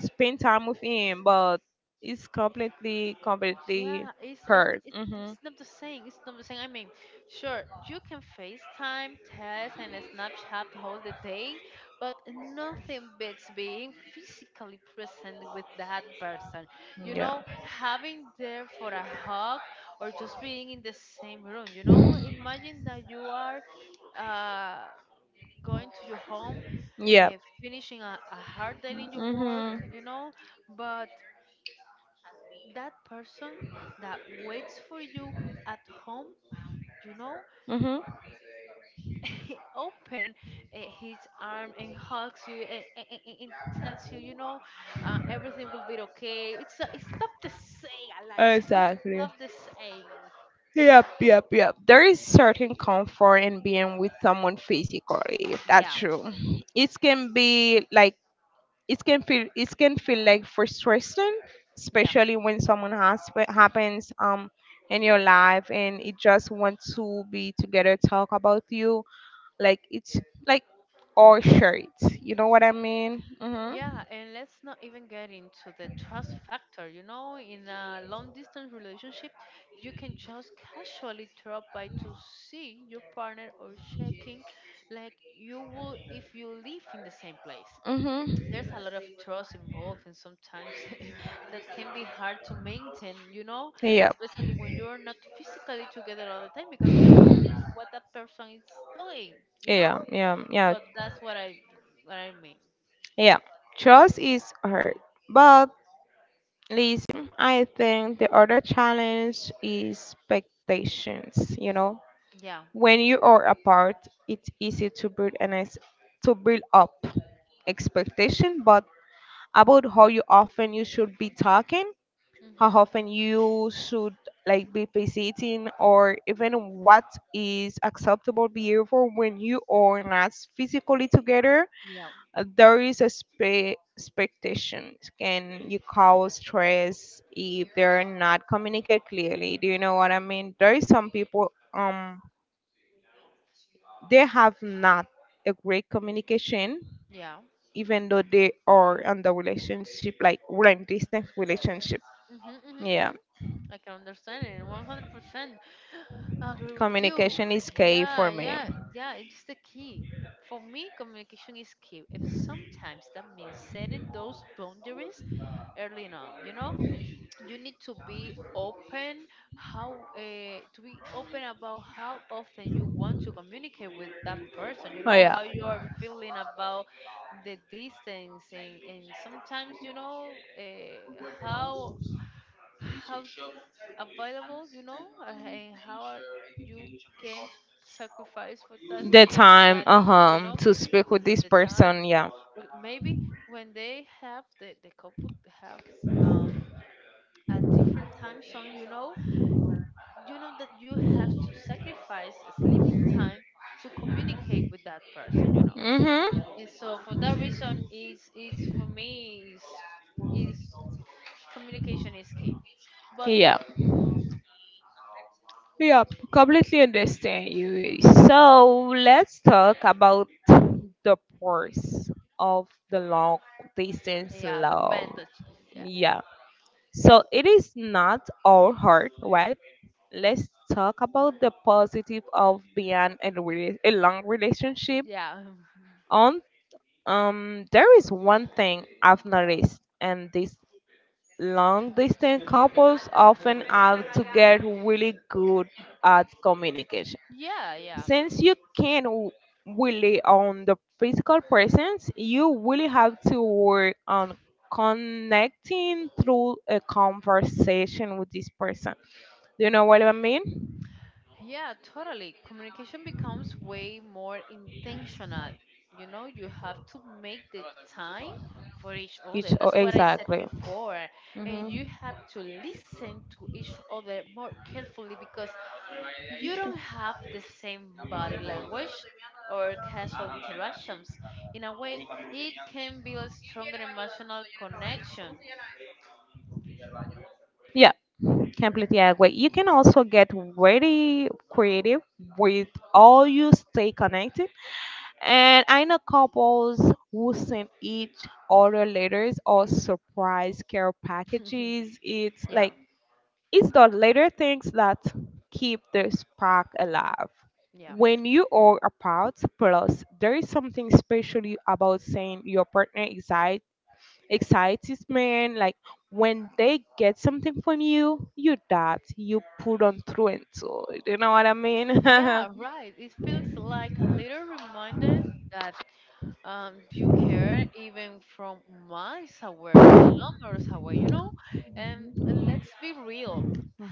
Speaker 2: spend time with him, but it's completely, completely
Speaker 1: Yeah, it's, it's
Speaker 2: hurt.
Speaker 1: it's
Speaker 2: Hmm.
Speaker 1: it's not the same. It's not the same. I mean, sure, you can FaceTime, text, and Snapchat all the day, but nothing beats being physically present with that person. You
Speaker 2: Yeah.
Speaker 1: know, having there for a hug or just being in the same room. You know, imagine that you are. Uh, going to your home,
Speaker 2: Yeah.
Speaker 1: finishing a hard day in your work,
Speaker 2: Mhm.
Speaker 1: you know, but that person that waits for you at home, you know,
Speaker 2: Mhm.
Speaker 1: he open, his arm and hugs you, and tells you, you know, everything will be okay. It's not the same, Elijah. It's
Speaker 2: Exactly.
Speaker 1: not the same.
Speaker 2: Yep. Yep. Yep. There is certain comfort in being with someone physically. That's
Speaker 1: Yeah,
Speaker 2: true. It can be like it can feel like frustration,
Speaker 1: yeah.
Speaker 2: especially when someone has happens in your life, and it just wants to be together, talk about you like it's like or share it. You know what I mean? Mhm.
Speaker 1: Yeah, and let's not even get into the trust factor. You know, in a long distance relationship, you can just casually drop by to see your partner or checking, like you would if you live in the same place.
Speaker 2: Mhm.
Speaker 1: There's a lot of trust involved, and sometimes that can be hard to maintain, you know,
Speaker 2: Yeah,
Speaker 1: especially when you're not physically together all the time, because you're not seeing what that person is doing, you know?
Speaker 2: yeah, yeah. Yeah,
Speaker 1: But that's what I mean.
Speaker 2: yeah, trust is hard, but listen, I think the other challenge is expectations. You know,
Speaker 1: Yeah.
Speaker 2: when you are apart, it's easy to build to build up expectation, but about how you often you should be talking, how
Speaker 1: Mhm.
Speaker 2: often you should like be visiting, or even what is acceptable behavior when you are not physically together.
Speaker 1: Yeah,
Speaker 2: There is a expectation can you cause stress if they're not communicate clearly. Do you know what I mean? There is some people they have not a great communication
Speaker 1: yeah.
Speaker 2: even though they are on the relationship like we're in distant relationship.
Speaker 1: Mhm, mhm,
Speaker 2: Yeah,
Speaker 1: mhm. I can understand it 100%. Agree with you.
Speaker 2: communication is key for
Speaker 1: Yeah,
Speaker 2: me.
Speaker 1: yeah, yeah. It's the key. For me, communication is key, and sometimes that means setting those boundaries early on. You know, you need to be open how, to be open about how often you want to communicate with that person, you
Speaker 2: Oh
Speaker 1: know,
Speaker 2: yeah,
Speaker 1: how you are feeling about the distance. And sometimes, you know, how how available, you know, and how are you can sacrifice for that
Speaker 2: the
Speaker 1: relationship
Speaker 2: time,
Speaker 1: that in, you
Speaker 2: uh-huh,
Speaker 1: know,
Speaker 2: to speak
Speaker 1: because
Speaker 2: with
Speaker 1: of
Speaker 2: this
Speaker 1: the time.
Speaker 2: person. Yeah.
Speaker 1: But maybe when they have the couple have um a different time zone, you know that you have to sacrifice sleeping time to communicate with that person, you know.
Speaker 2: Mm-hmm.
Speaker 1: And so for that reason is for me is communication is key. But
Speaker 2: Yeah, yeah, completely understand you. So let's talk about the pros of the long distance
Speaker 1: yeah,
Speaker 2: love.
Speaker 1: yeah.
Speaker 2: Yeah, so it is not all hard, right? Let's talk about the positive of being in a, a long relationship.
Speaker 1: Yeah.
Speaker 2: On there is one thing I've noticed, and these long distance couples often have to get really good at communication,
Speaker 1: Yeah, yeah.
Speaker 2: since you can't w- really on the physical presence, you really have to work on connecting through a conversation with this person. Do you know what I mean?
Speaker 1: Yeah, totally. Communication becomes way more intentional. You know, you have to make the time for each
Speaker 2: Each,
Speaker 1: other.
Speaker 2: oh,
Speaker 1: That's what I said
Speaker 2: exactly.
Speaker 1: before. And
Speaker 2: Hmm.
Speaker 1: you have to listen to each other more carefully, because you don't have the same body language or casual interactions. In a way, it can build a stronger emotional connection.
Speaker 2: Yeah, completely agree. You can also get very creative with all you stay connected. And I know couples who send each other letters or surprise care packages. It's
Speaker 1: Yeah,
Speaker 2: like it's the little things that keep the spark alive.
Speaker 1: yeah.
Speaker 2: When you are apart, plus there is something special about saying your partner excites man. Like when they get something from you, you that you put on through and through. You know what I mean?
Speaker 1: Yeah, right. It feels like a little reminder that, you care even from miles away, kilometers away, you know? And let's be real.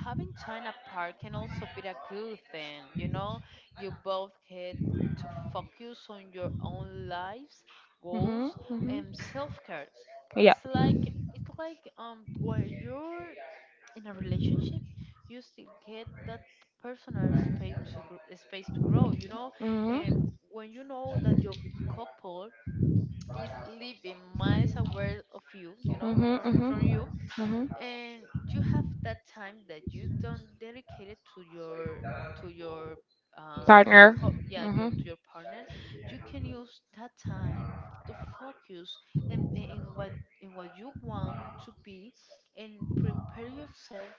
Speaker 1: Having time apart can also be a good thing, you know? You both get to focus on your own lives,
Speaker 2: Hmm.
Speaker 1: goals,
Speaker 2: Hmm.
Speaker 1: and self-care.
Speaker 2: Yeah.
Speaker 1: It's like
Speaker 2: Mhm.
Speaker 1: where you're in a relationship, you still get that personal space to space to grow, you know, um, when you know that your couple is living miles away of you, you know,
Speaker 2: Mhm.
Speaker 1: from
Speaker 2: Mhm.
Speaker 1: you.
Speaker 2: Mhm.
Speaker 1: And you have that time that you don't dedicate it to your to your to your
Speaker 2: Partner.
Speaker 1: yeah, your, to
Speaker 2: Mhm.
Speaker 1: your partner. You can use that time to focus in what you want to be, and prepare yourself,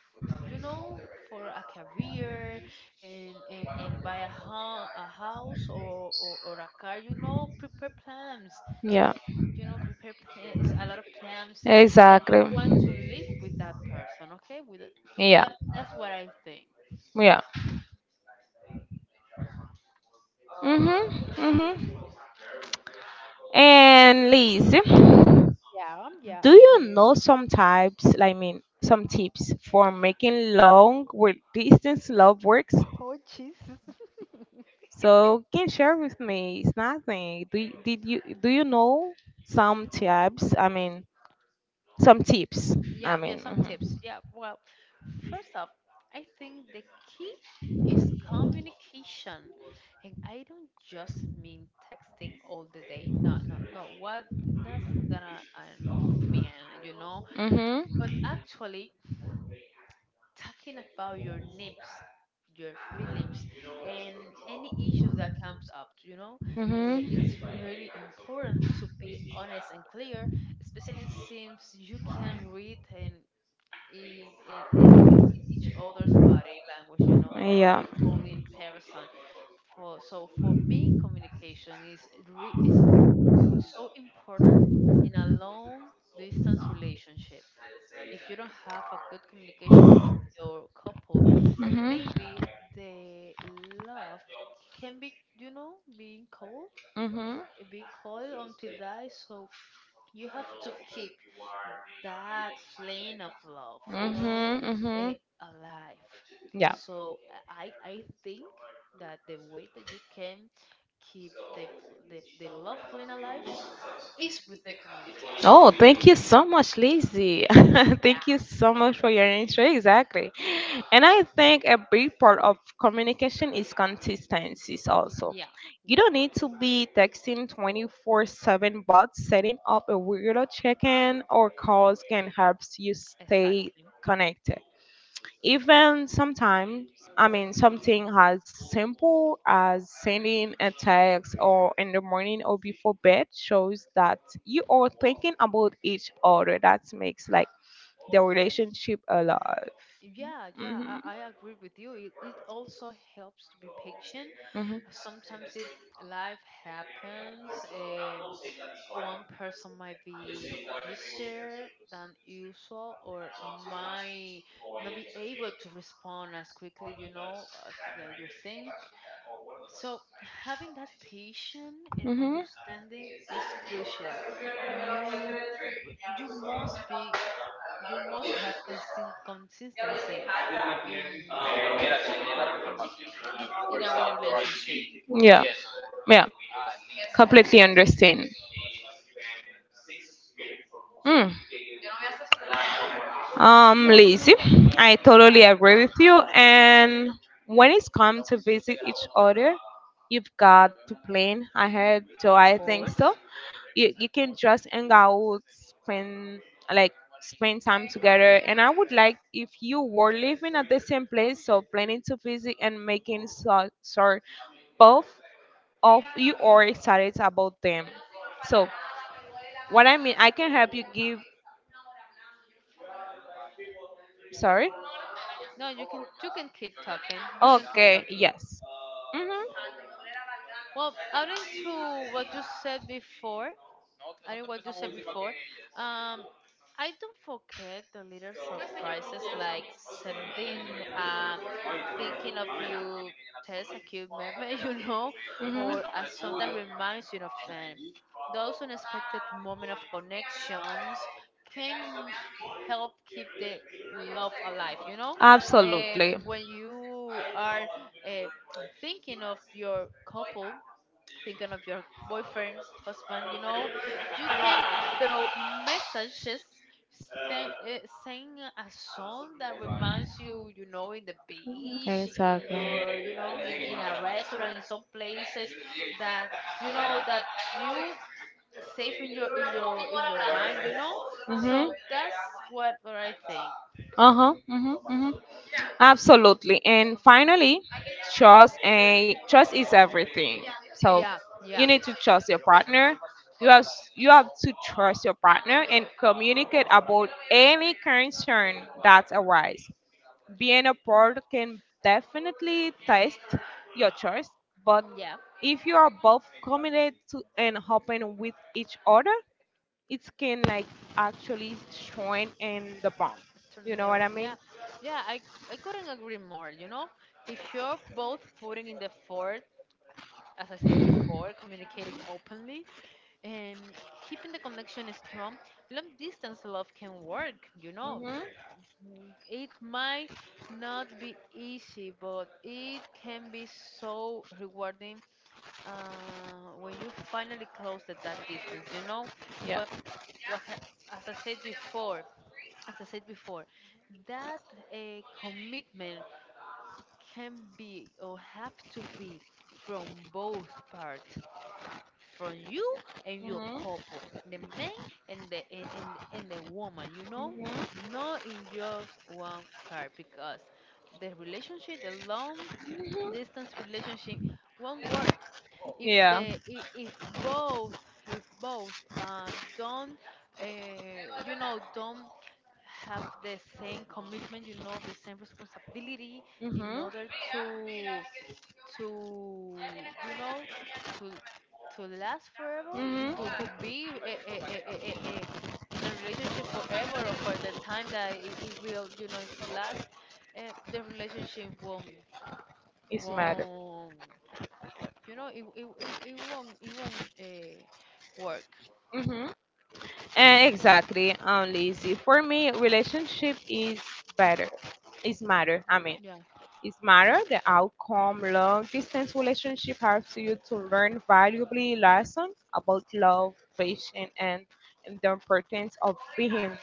Speaker 1: you know, for a career, and buy home, a house, or, or a car, you know, prepare plans,
Speaker 2: Yeah.
Speaker 1: you know, prepare plans, a lot of plans that
Speaker 2: Exactly.
Speaker 1: you want to live with that person. Okay. With that,
Speaker 2: Yeah.
Speaker 1: that- that's what I think.
Speaker 2: Yeah. Mhm. Mhm. And Liz,
Speaker 1: Yeah,
Speaker 2: do
Speaker 1: I'm
Speaker 2: you
Speaker 1: here.
Speaker 2: know some types, like, I mean, some tips for making long work distance love works?
Speaker 1: Oh, Jesus.
Speaker 2: So can you share with me. It's nothing. Do you know some tips? I mean, some tips.
Speaker 1: Yeah,
Speaker 2: I
Speaker 1: yeah,
Speaker 2: mean,
Speaker 1: some
Speaker 2: mhm.
Speaker 1: tips, yeah. Well, first off, I think the key is communication. And I don't just mean texting all the day. No, no, no. What, that's that I don't know mean, you know,
Speaker 2: Mhm.
Speaker 1: but actually talking about your needs, your feelings, and any issues that comes up, you know. Uh,
Speaker 2: Mhm.
Speaker 1: it's really important to be honest and clear, especially since you can read, and, e- and, and each other's body language, you know, like
Speaker 2: Yeah.
Speaker 1: you call in person. For so for me, communication is so important in a long distance relationship. If you don't have a good communication with your couple,
Speaker 2: Mhm.
Speaker 1: maybe the love can be, you know, being cold,
Speaker 2: Mhm.
Speaker 1: be cold until die. So you have to keep that flame of love, you know,
Speaker 2: Mhm.
Speaker 1: uh,
Speaker 2: Mhm.
Speaker 1: alive.
Speaker 2: Yeah.
Speaker 1: So, I think that the way that you can keep the love flame alive is with the communication.
Speaker 2: Oh, thank you so much, Lizzie. Thank you
Speaker 1: Yeah,
Speaker 2: so much for your answer. Exactly. And I think a big part of communication is consistencies also.
Speaker 1: yeah,
Speaker 2: You
Speaker 1: yeah,
Speaker 2: don't need to be texting 24/7, but setting up a regular check-in or calls can help you stay
Speaker 1: exactly.
Speaker 2: connected. Even sometimes, I mean, something as simple as sending a text or in the morning or before bed shows that you are thinking about each other. That makes like the relationship alive.
Speaker 1: Yeah, yeah,
Speaker 2: Hmm.
Speaker 1: I agree with you. It also helps to be patient
Speaker 2: Hmm.
Speaker 1: sometimes. If life happens, one person might be busier than usual, or might not be able to respond as quickly, you know, as quickly as you think. So having that patience and
Speaker 2: Hmm.
Speaker 1: understanding is crucial. You must be, you must have constant consistency in in our relationship.
Speaker 2: Yeah, yeah, completely understand. Mm. Lazy. I totally
Speaker 1: Yeah.
Speaker 2: agree with you. And when it's come to visit each other, you've got to plan ahead. So
Speaker 1: Of
Speaker 2: I think so.
Speaker 1: course.
Speaker 2: You can just hang out, spend like spend time together. And I would like if you were living at the same place, so planning to visit and making so sure both of you are excited about them. So what I mean, I can help you give. Sorry.
Speaker 1: No, you can keep talking. You can keep
Speaker 2: Okay,
Speaker 1: talking.
Speaker 2: yes. Mhm.
Speaker 1: Well, adding to what you said before, I don't want to say before. Um, I don't forget the little surprises, like sending, uh, thinking of you, text a cute meme, you know,
Speaker 2: Mhm.
Speaker 1: or a song that reminds you of them. Those unexpected moments of connections can help keep the love alive, you know.
Speaker 2: Absolutely.
Speaker 1: When you are uh, thinking of your couple, thinking of your boyfriend, husband, you know, you can throw messages, send, sing a song that reminds you, you know, in the
Speaker 2: Okay,
Speaker 1: beach, in your,
Speaker 2: exactly.
Speaker 1: you know, in a restaurant, in some places that, you know, that you save in your in your mind, you know.
Speaker 2: Mhm.
Speaker 1: So that's what I think.
Speaker 2: Uh-huh. Mhm. Mhm. Absolutely. And finally, trust and trust is everything. So
Speaker 1: Yeah, yeah.
Speaker 2: you need to trust your partner. You have you have to trust your partner and communicate about any concern that arise. Being apart can definitely test your trust, but
Speaker 1: Yeah,
Speaker 2: if you are both committed to and open with each other, it can like actually strengthen the bond.
Speaker 1: external
Speaker 2: You know
Speaker 1: level.
Speaker 2: what I
Speaker 1: Yeah,
Speaker 2: mean?
Speaker 1: yeah, I couldn't agree more. You know, if you're both putting in the effort, as I said before, communicating openly and keeping the connection strong, long distance love can work. You know,
Speaker 2: Mhm.
Speaker 1: it might not be easy, but it can be so rewarding when you finally close that distance. You know, but was as I said before, as I said before, that commitment can be or have to be from both parts, from you and your
Speaker 2: Yeah.
Speaker 1: couple, the man and the and, and, and the woman, you know,
Speaker 2: Mm-hmm.
Speaker 1: not in just one part, because the relationship, the long distance relationship won't work if
Speaker 2: Yeah.
Speaker 1: the if, if both, if both don't you know, don't have the same commitment, you know, the same responsibility in
Speaker 2: Mm-hmm.
Speaker 1: order to to you know, to to last forever, to
Speaker 2: Mm-hmm.
Speaker 1: to be in a relationship forever, or for the time that it will, you know, last. The relationship won't
Speaker 2: It's matter.
Speaker 1: won't you know, it won't, it won't, work.
Speaker 2: Mm-hmm. And exactly, Lizzie. For me, relationship is better. It's matter. I mean,
Speaker 1: Yeah,
Speaker 2: it's matter. The outcome, long distance relationship helps you to learn valuable lessons about love, patience, and the importance of being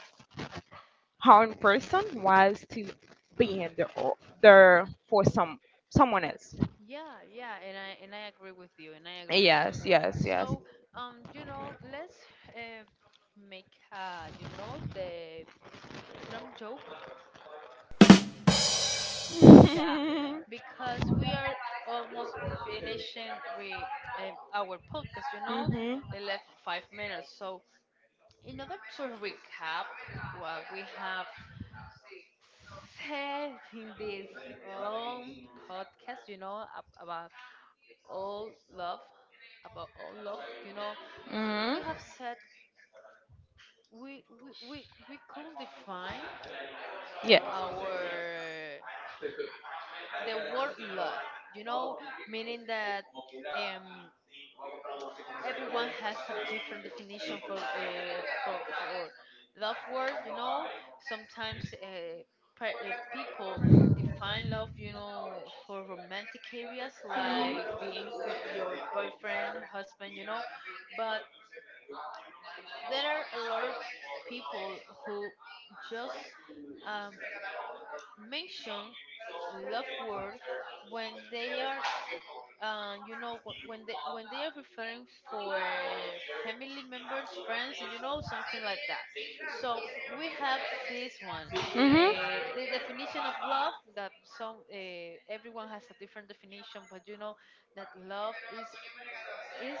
Speaker 2: one person while still being there for someone else.
Speaker 1: yeah, yeah, and I agree with you, and I agree with you.
Speaker 2: Yes, yes, yes.
Speaker 1: So, you know, let's uh, make, you know, the drum joke. Yeah, because we are almost finishing with our podcast, you know,
Speaker 2: Mhm.
Speaker 1: they left 5 minutes. So, in order to recap what we have said in this long podcast, you know, all love, about all love, you know,
Speaker 2: Mhm.
Speaker 1: we have said, we could define
Speaker 2: Yes.
Speaker 1: our, the word love, you know, meaning that. Um, Everyone has a different definition for love word, you know. Sometimes people define love, you know, for romantic areas, like being with your boyfriend, husband, you know. But there are a lot of people who just um, mention love word when they are you know, when they are referring for family members, friends, and you know, something like that. So we have this one,
Speaker 2: Mhm.
Speaker 1: the definition of love, that some everyone has a different definition, but you know, that love is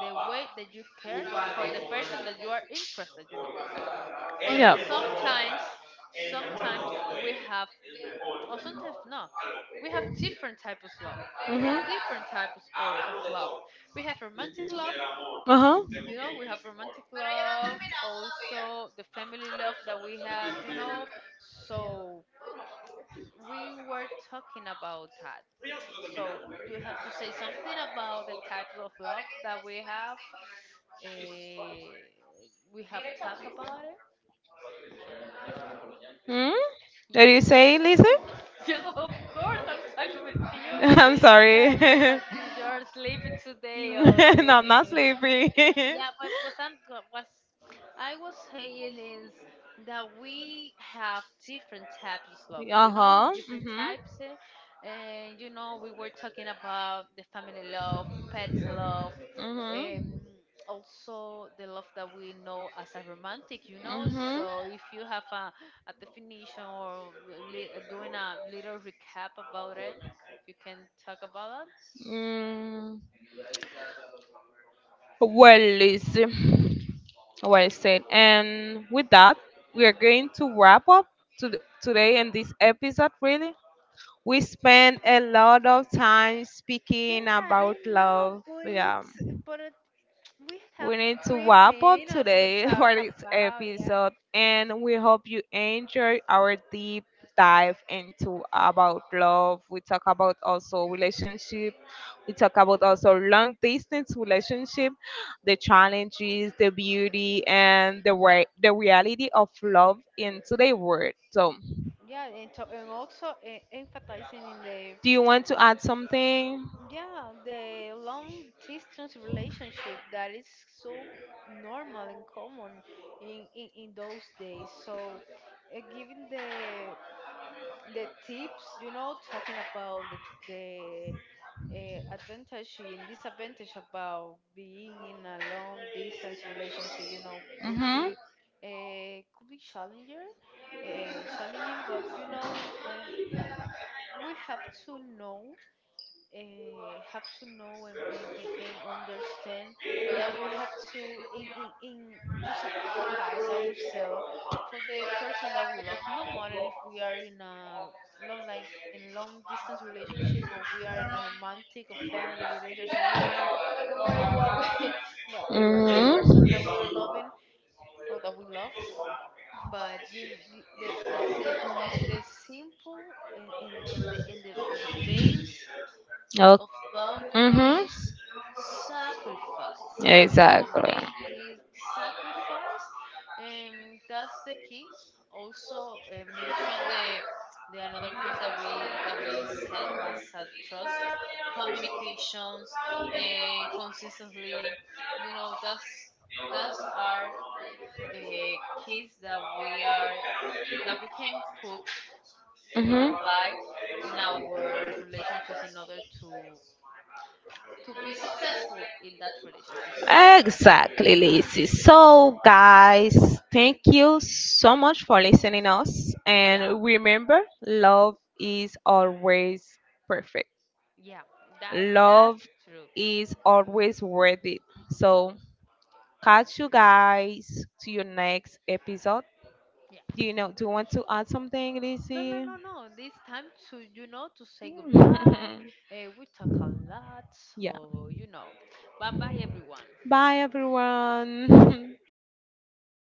Speaker 1: the way that you care for the person that you are interested, you know. But
Speaker 2: Yeah.
Speaker 1: sometimes, sometimes we have, or sometimes not. We have different types of love. We have
Speaker 2: Mhm.
Speaker 1: different types of love. We have romantic love,
Speaker 2: Uh huh.
Speaker 1: you know, we have romantic love, also the family love that we have, you know. So we were talking about that. So do you have to say something about the types of love that we have? Eh, we have talked about it.
Speaker 2: Mhm. What
Speaker 1: Yeah.
Speaker 2: do you say, Lisa?
Speaker 1: Yeah, of course, I'm talking with you.
Speaker 2: I'm sorry.
Speaker 1: You had, you're sleeping today? Or
Speaker 2: No, I'm not sleepy.
Speaker 1: yeah, but what I was saying is that we have different types of love,
Speaker 2: Uh
Speaker 1: you know,
Speaker 2: huh.
Speaker 1: different
Speaker 2: Mhm.
Speaker 1: types, and you know, we were talking about the family love, pet love, um,
Speaker 2: Mhm.
Speaker 1: also the love that we know as a romantic, you know.
Speaker 2: Mm-hmm.
Speaker 1: So if you have a definition, or doing a little recap about it, if you can talk about it.
Speaker 2: Mm. Well, Lizzie, well said. And with that, we are going to wrap up to today in this episode. Really, we spent a lot of time speaking
Speaker 1: Yeah,
Speaker 2: about
Speaker 1: I know,
Speaker 2: love.
Speaker 1: but
Speaker 2: Yeah,
Speaker 1: it's but we have
Speaker 2: we need to
Speaker 1: three
Speaker 2: wrap up
Speaker 1: minutes to
Speaker 2: today
Speaker 1: talk
Speaker 2: for this
Speaker 1: about, yeah.
Speaker 2: episode, and we hope you enjoy our deep dive into about love. We talk about also relationship. We talk about also long distance relationship, the challenges, the beauty, and the way the reality of love in today's world. So,
Speaker 1: Yeah, and to, and also emphasizing in the,
Speaker 2: do you want to add something?
Speaker 1: yeah, the long distance relationship that is so normal and common in those days. So, giving the tips, you know, talking about the advantage and disadvantage about being in a long distance relationship. You know,
Speaker 2: Mhm.
Speaker 1: could be challenging, challenging, but you know, um, we have to know, have to know, and understand that we have to in to sacrifice ourselves for the person that we love, no matter if we are in a long, like, in long distance relationship, or we are in a romantic or family relationship. No matter, no matter what we, what, who's the
Speaker 2: Mhm.
Speaker 1: person that we are loving or that we love. But you, the simple in the base
Speaker 2: Okay.
Speaker 1: of love
Speaker 2: Mhm.
Speaker 1: is sacrifice. For
Speaker 2: Exactly.
Speaker 1: me, is sacrifice, and that's the key. Also, mention the another keys that we said, as a trust, communications, and consistently. You know, that's our uh, keys that we are, that we can put and
Speaker 2: Hmm.
Speaker 1: apply in our relationships, in order to be successful in that relationship. So,
Speaker 2: Exactly, Lizzie. So, guys, thank you so much for listening us.
Speaker 1: yeah,
Speaker 2: And remember, love is always perfect.
Speaker 1: yeah, that's
Speaker 2: Love
Speaker 1: true.
Speaker 2: is always worth it. So, catch you guys to your next episode.
Speaker 1: Yeah.
Speaker 2: Do you know? Do you want to add something,
Speaker 1: No, no,
Speaker 2: Lizzie?
Speaker 1: no, no. This time to, you know, to say goodbye. We talk a lot,
Speaker 2: Yeah.
Speaker 1: so you know. Bye, bye, everyone.
Speaker 2: Bye, everyone.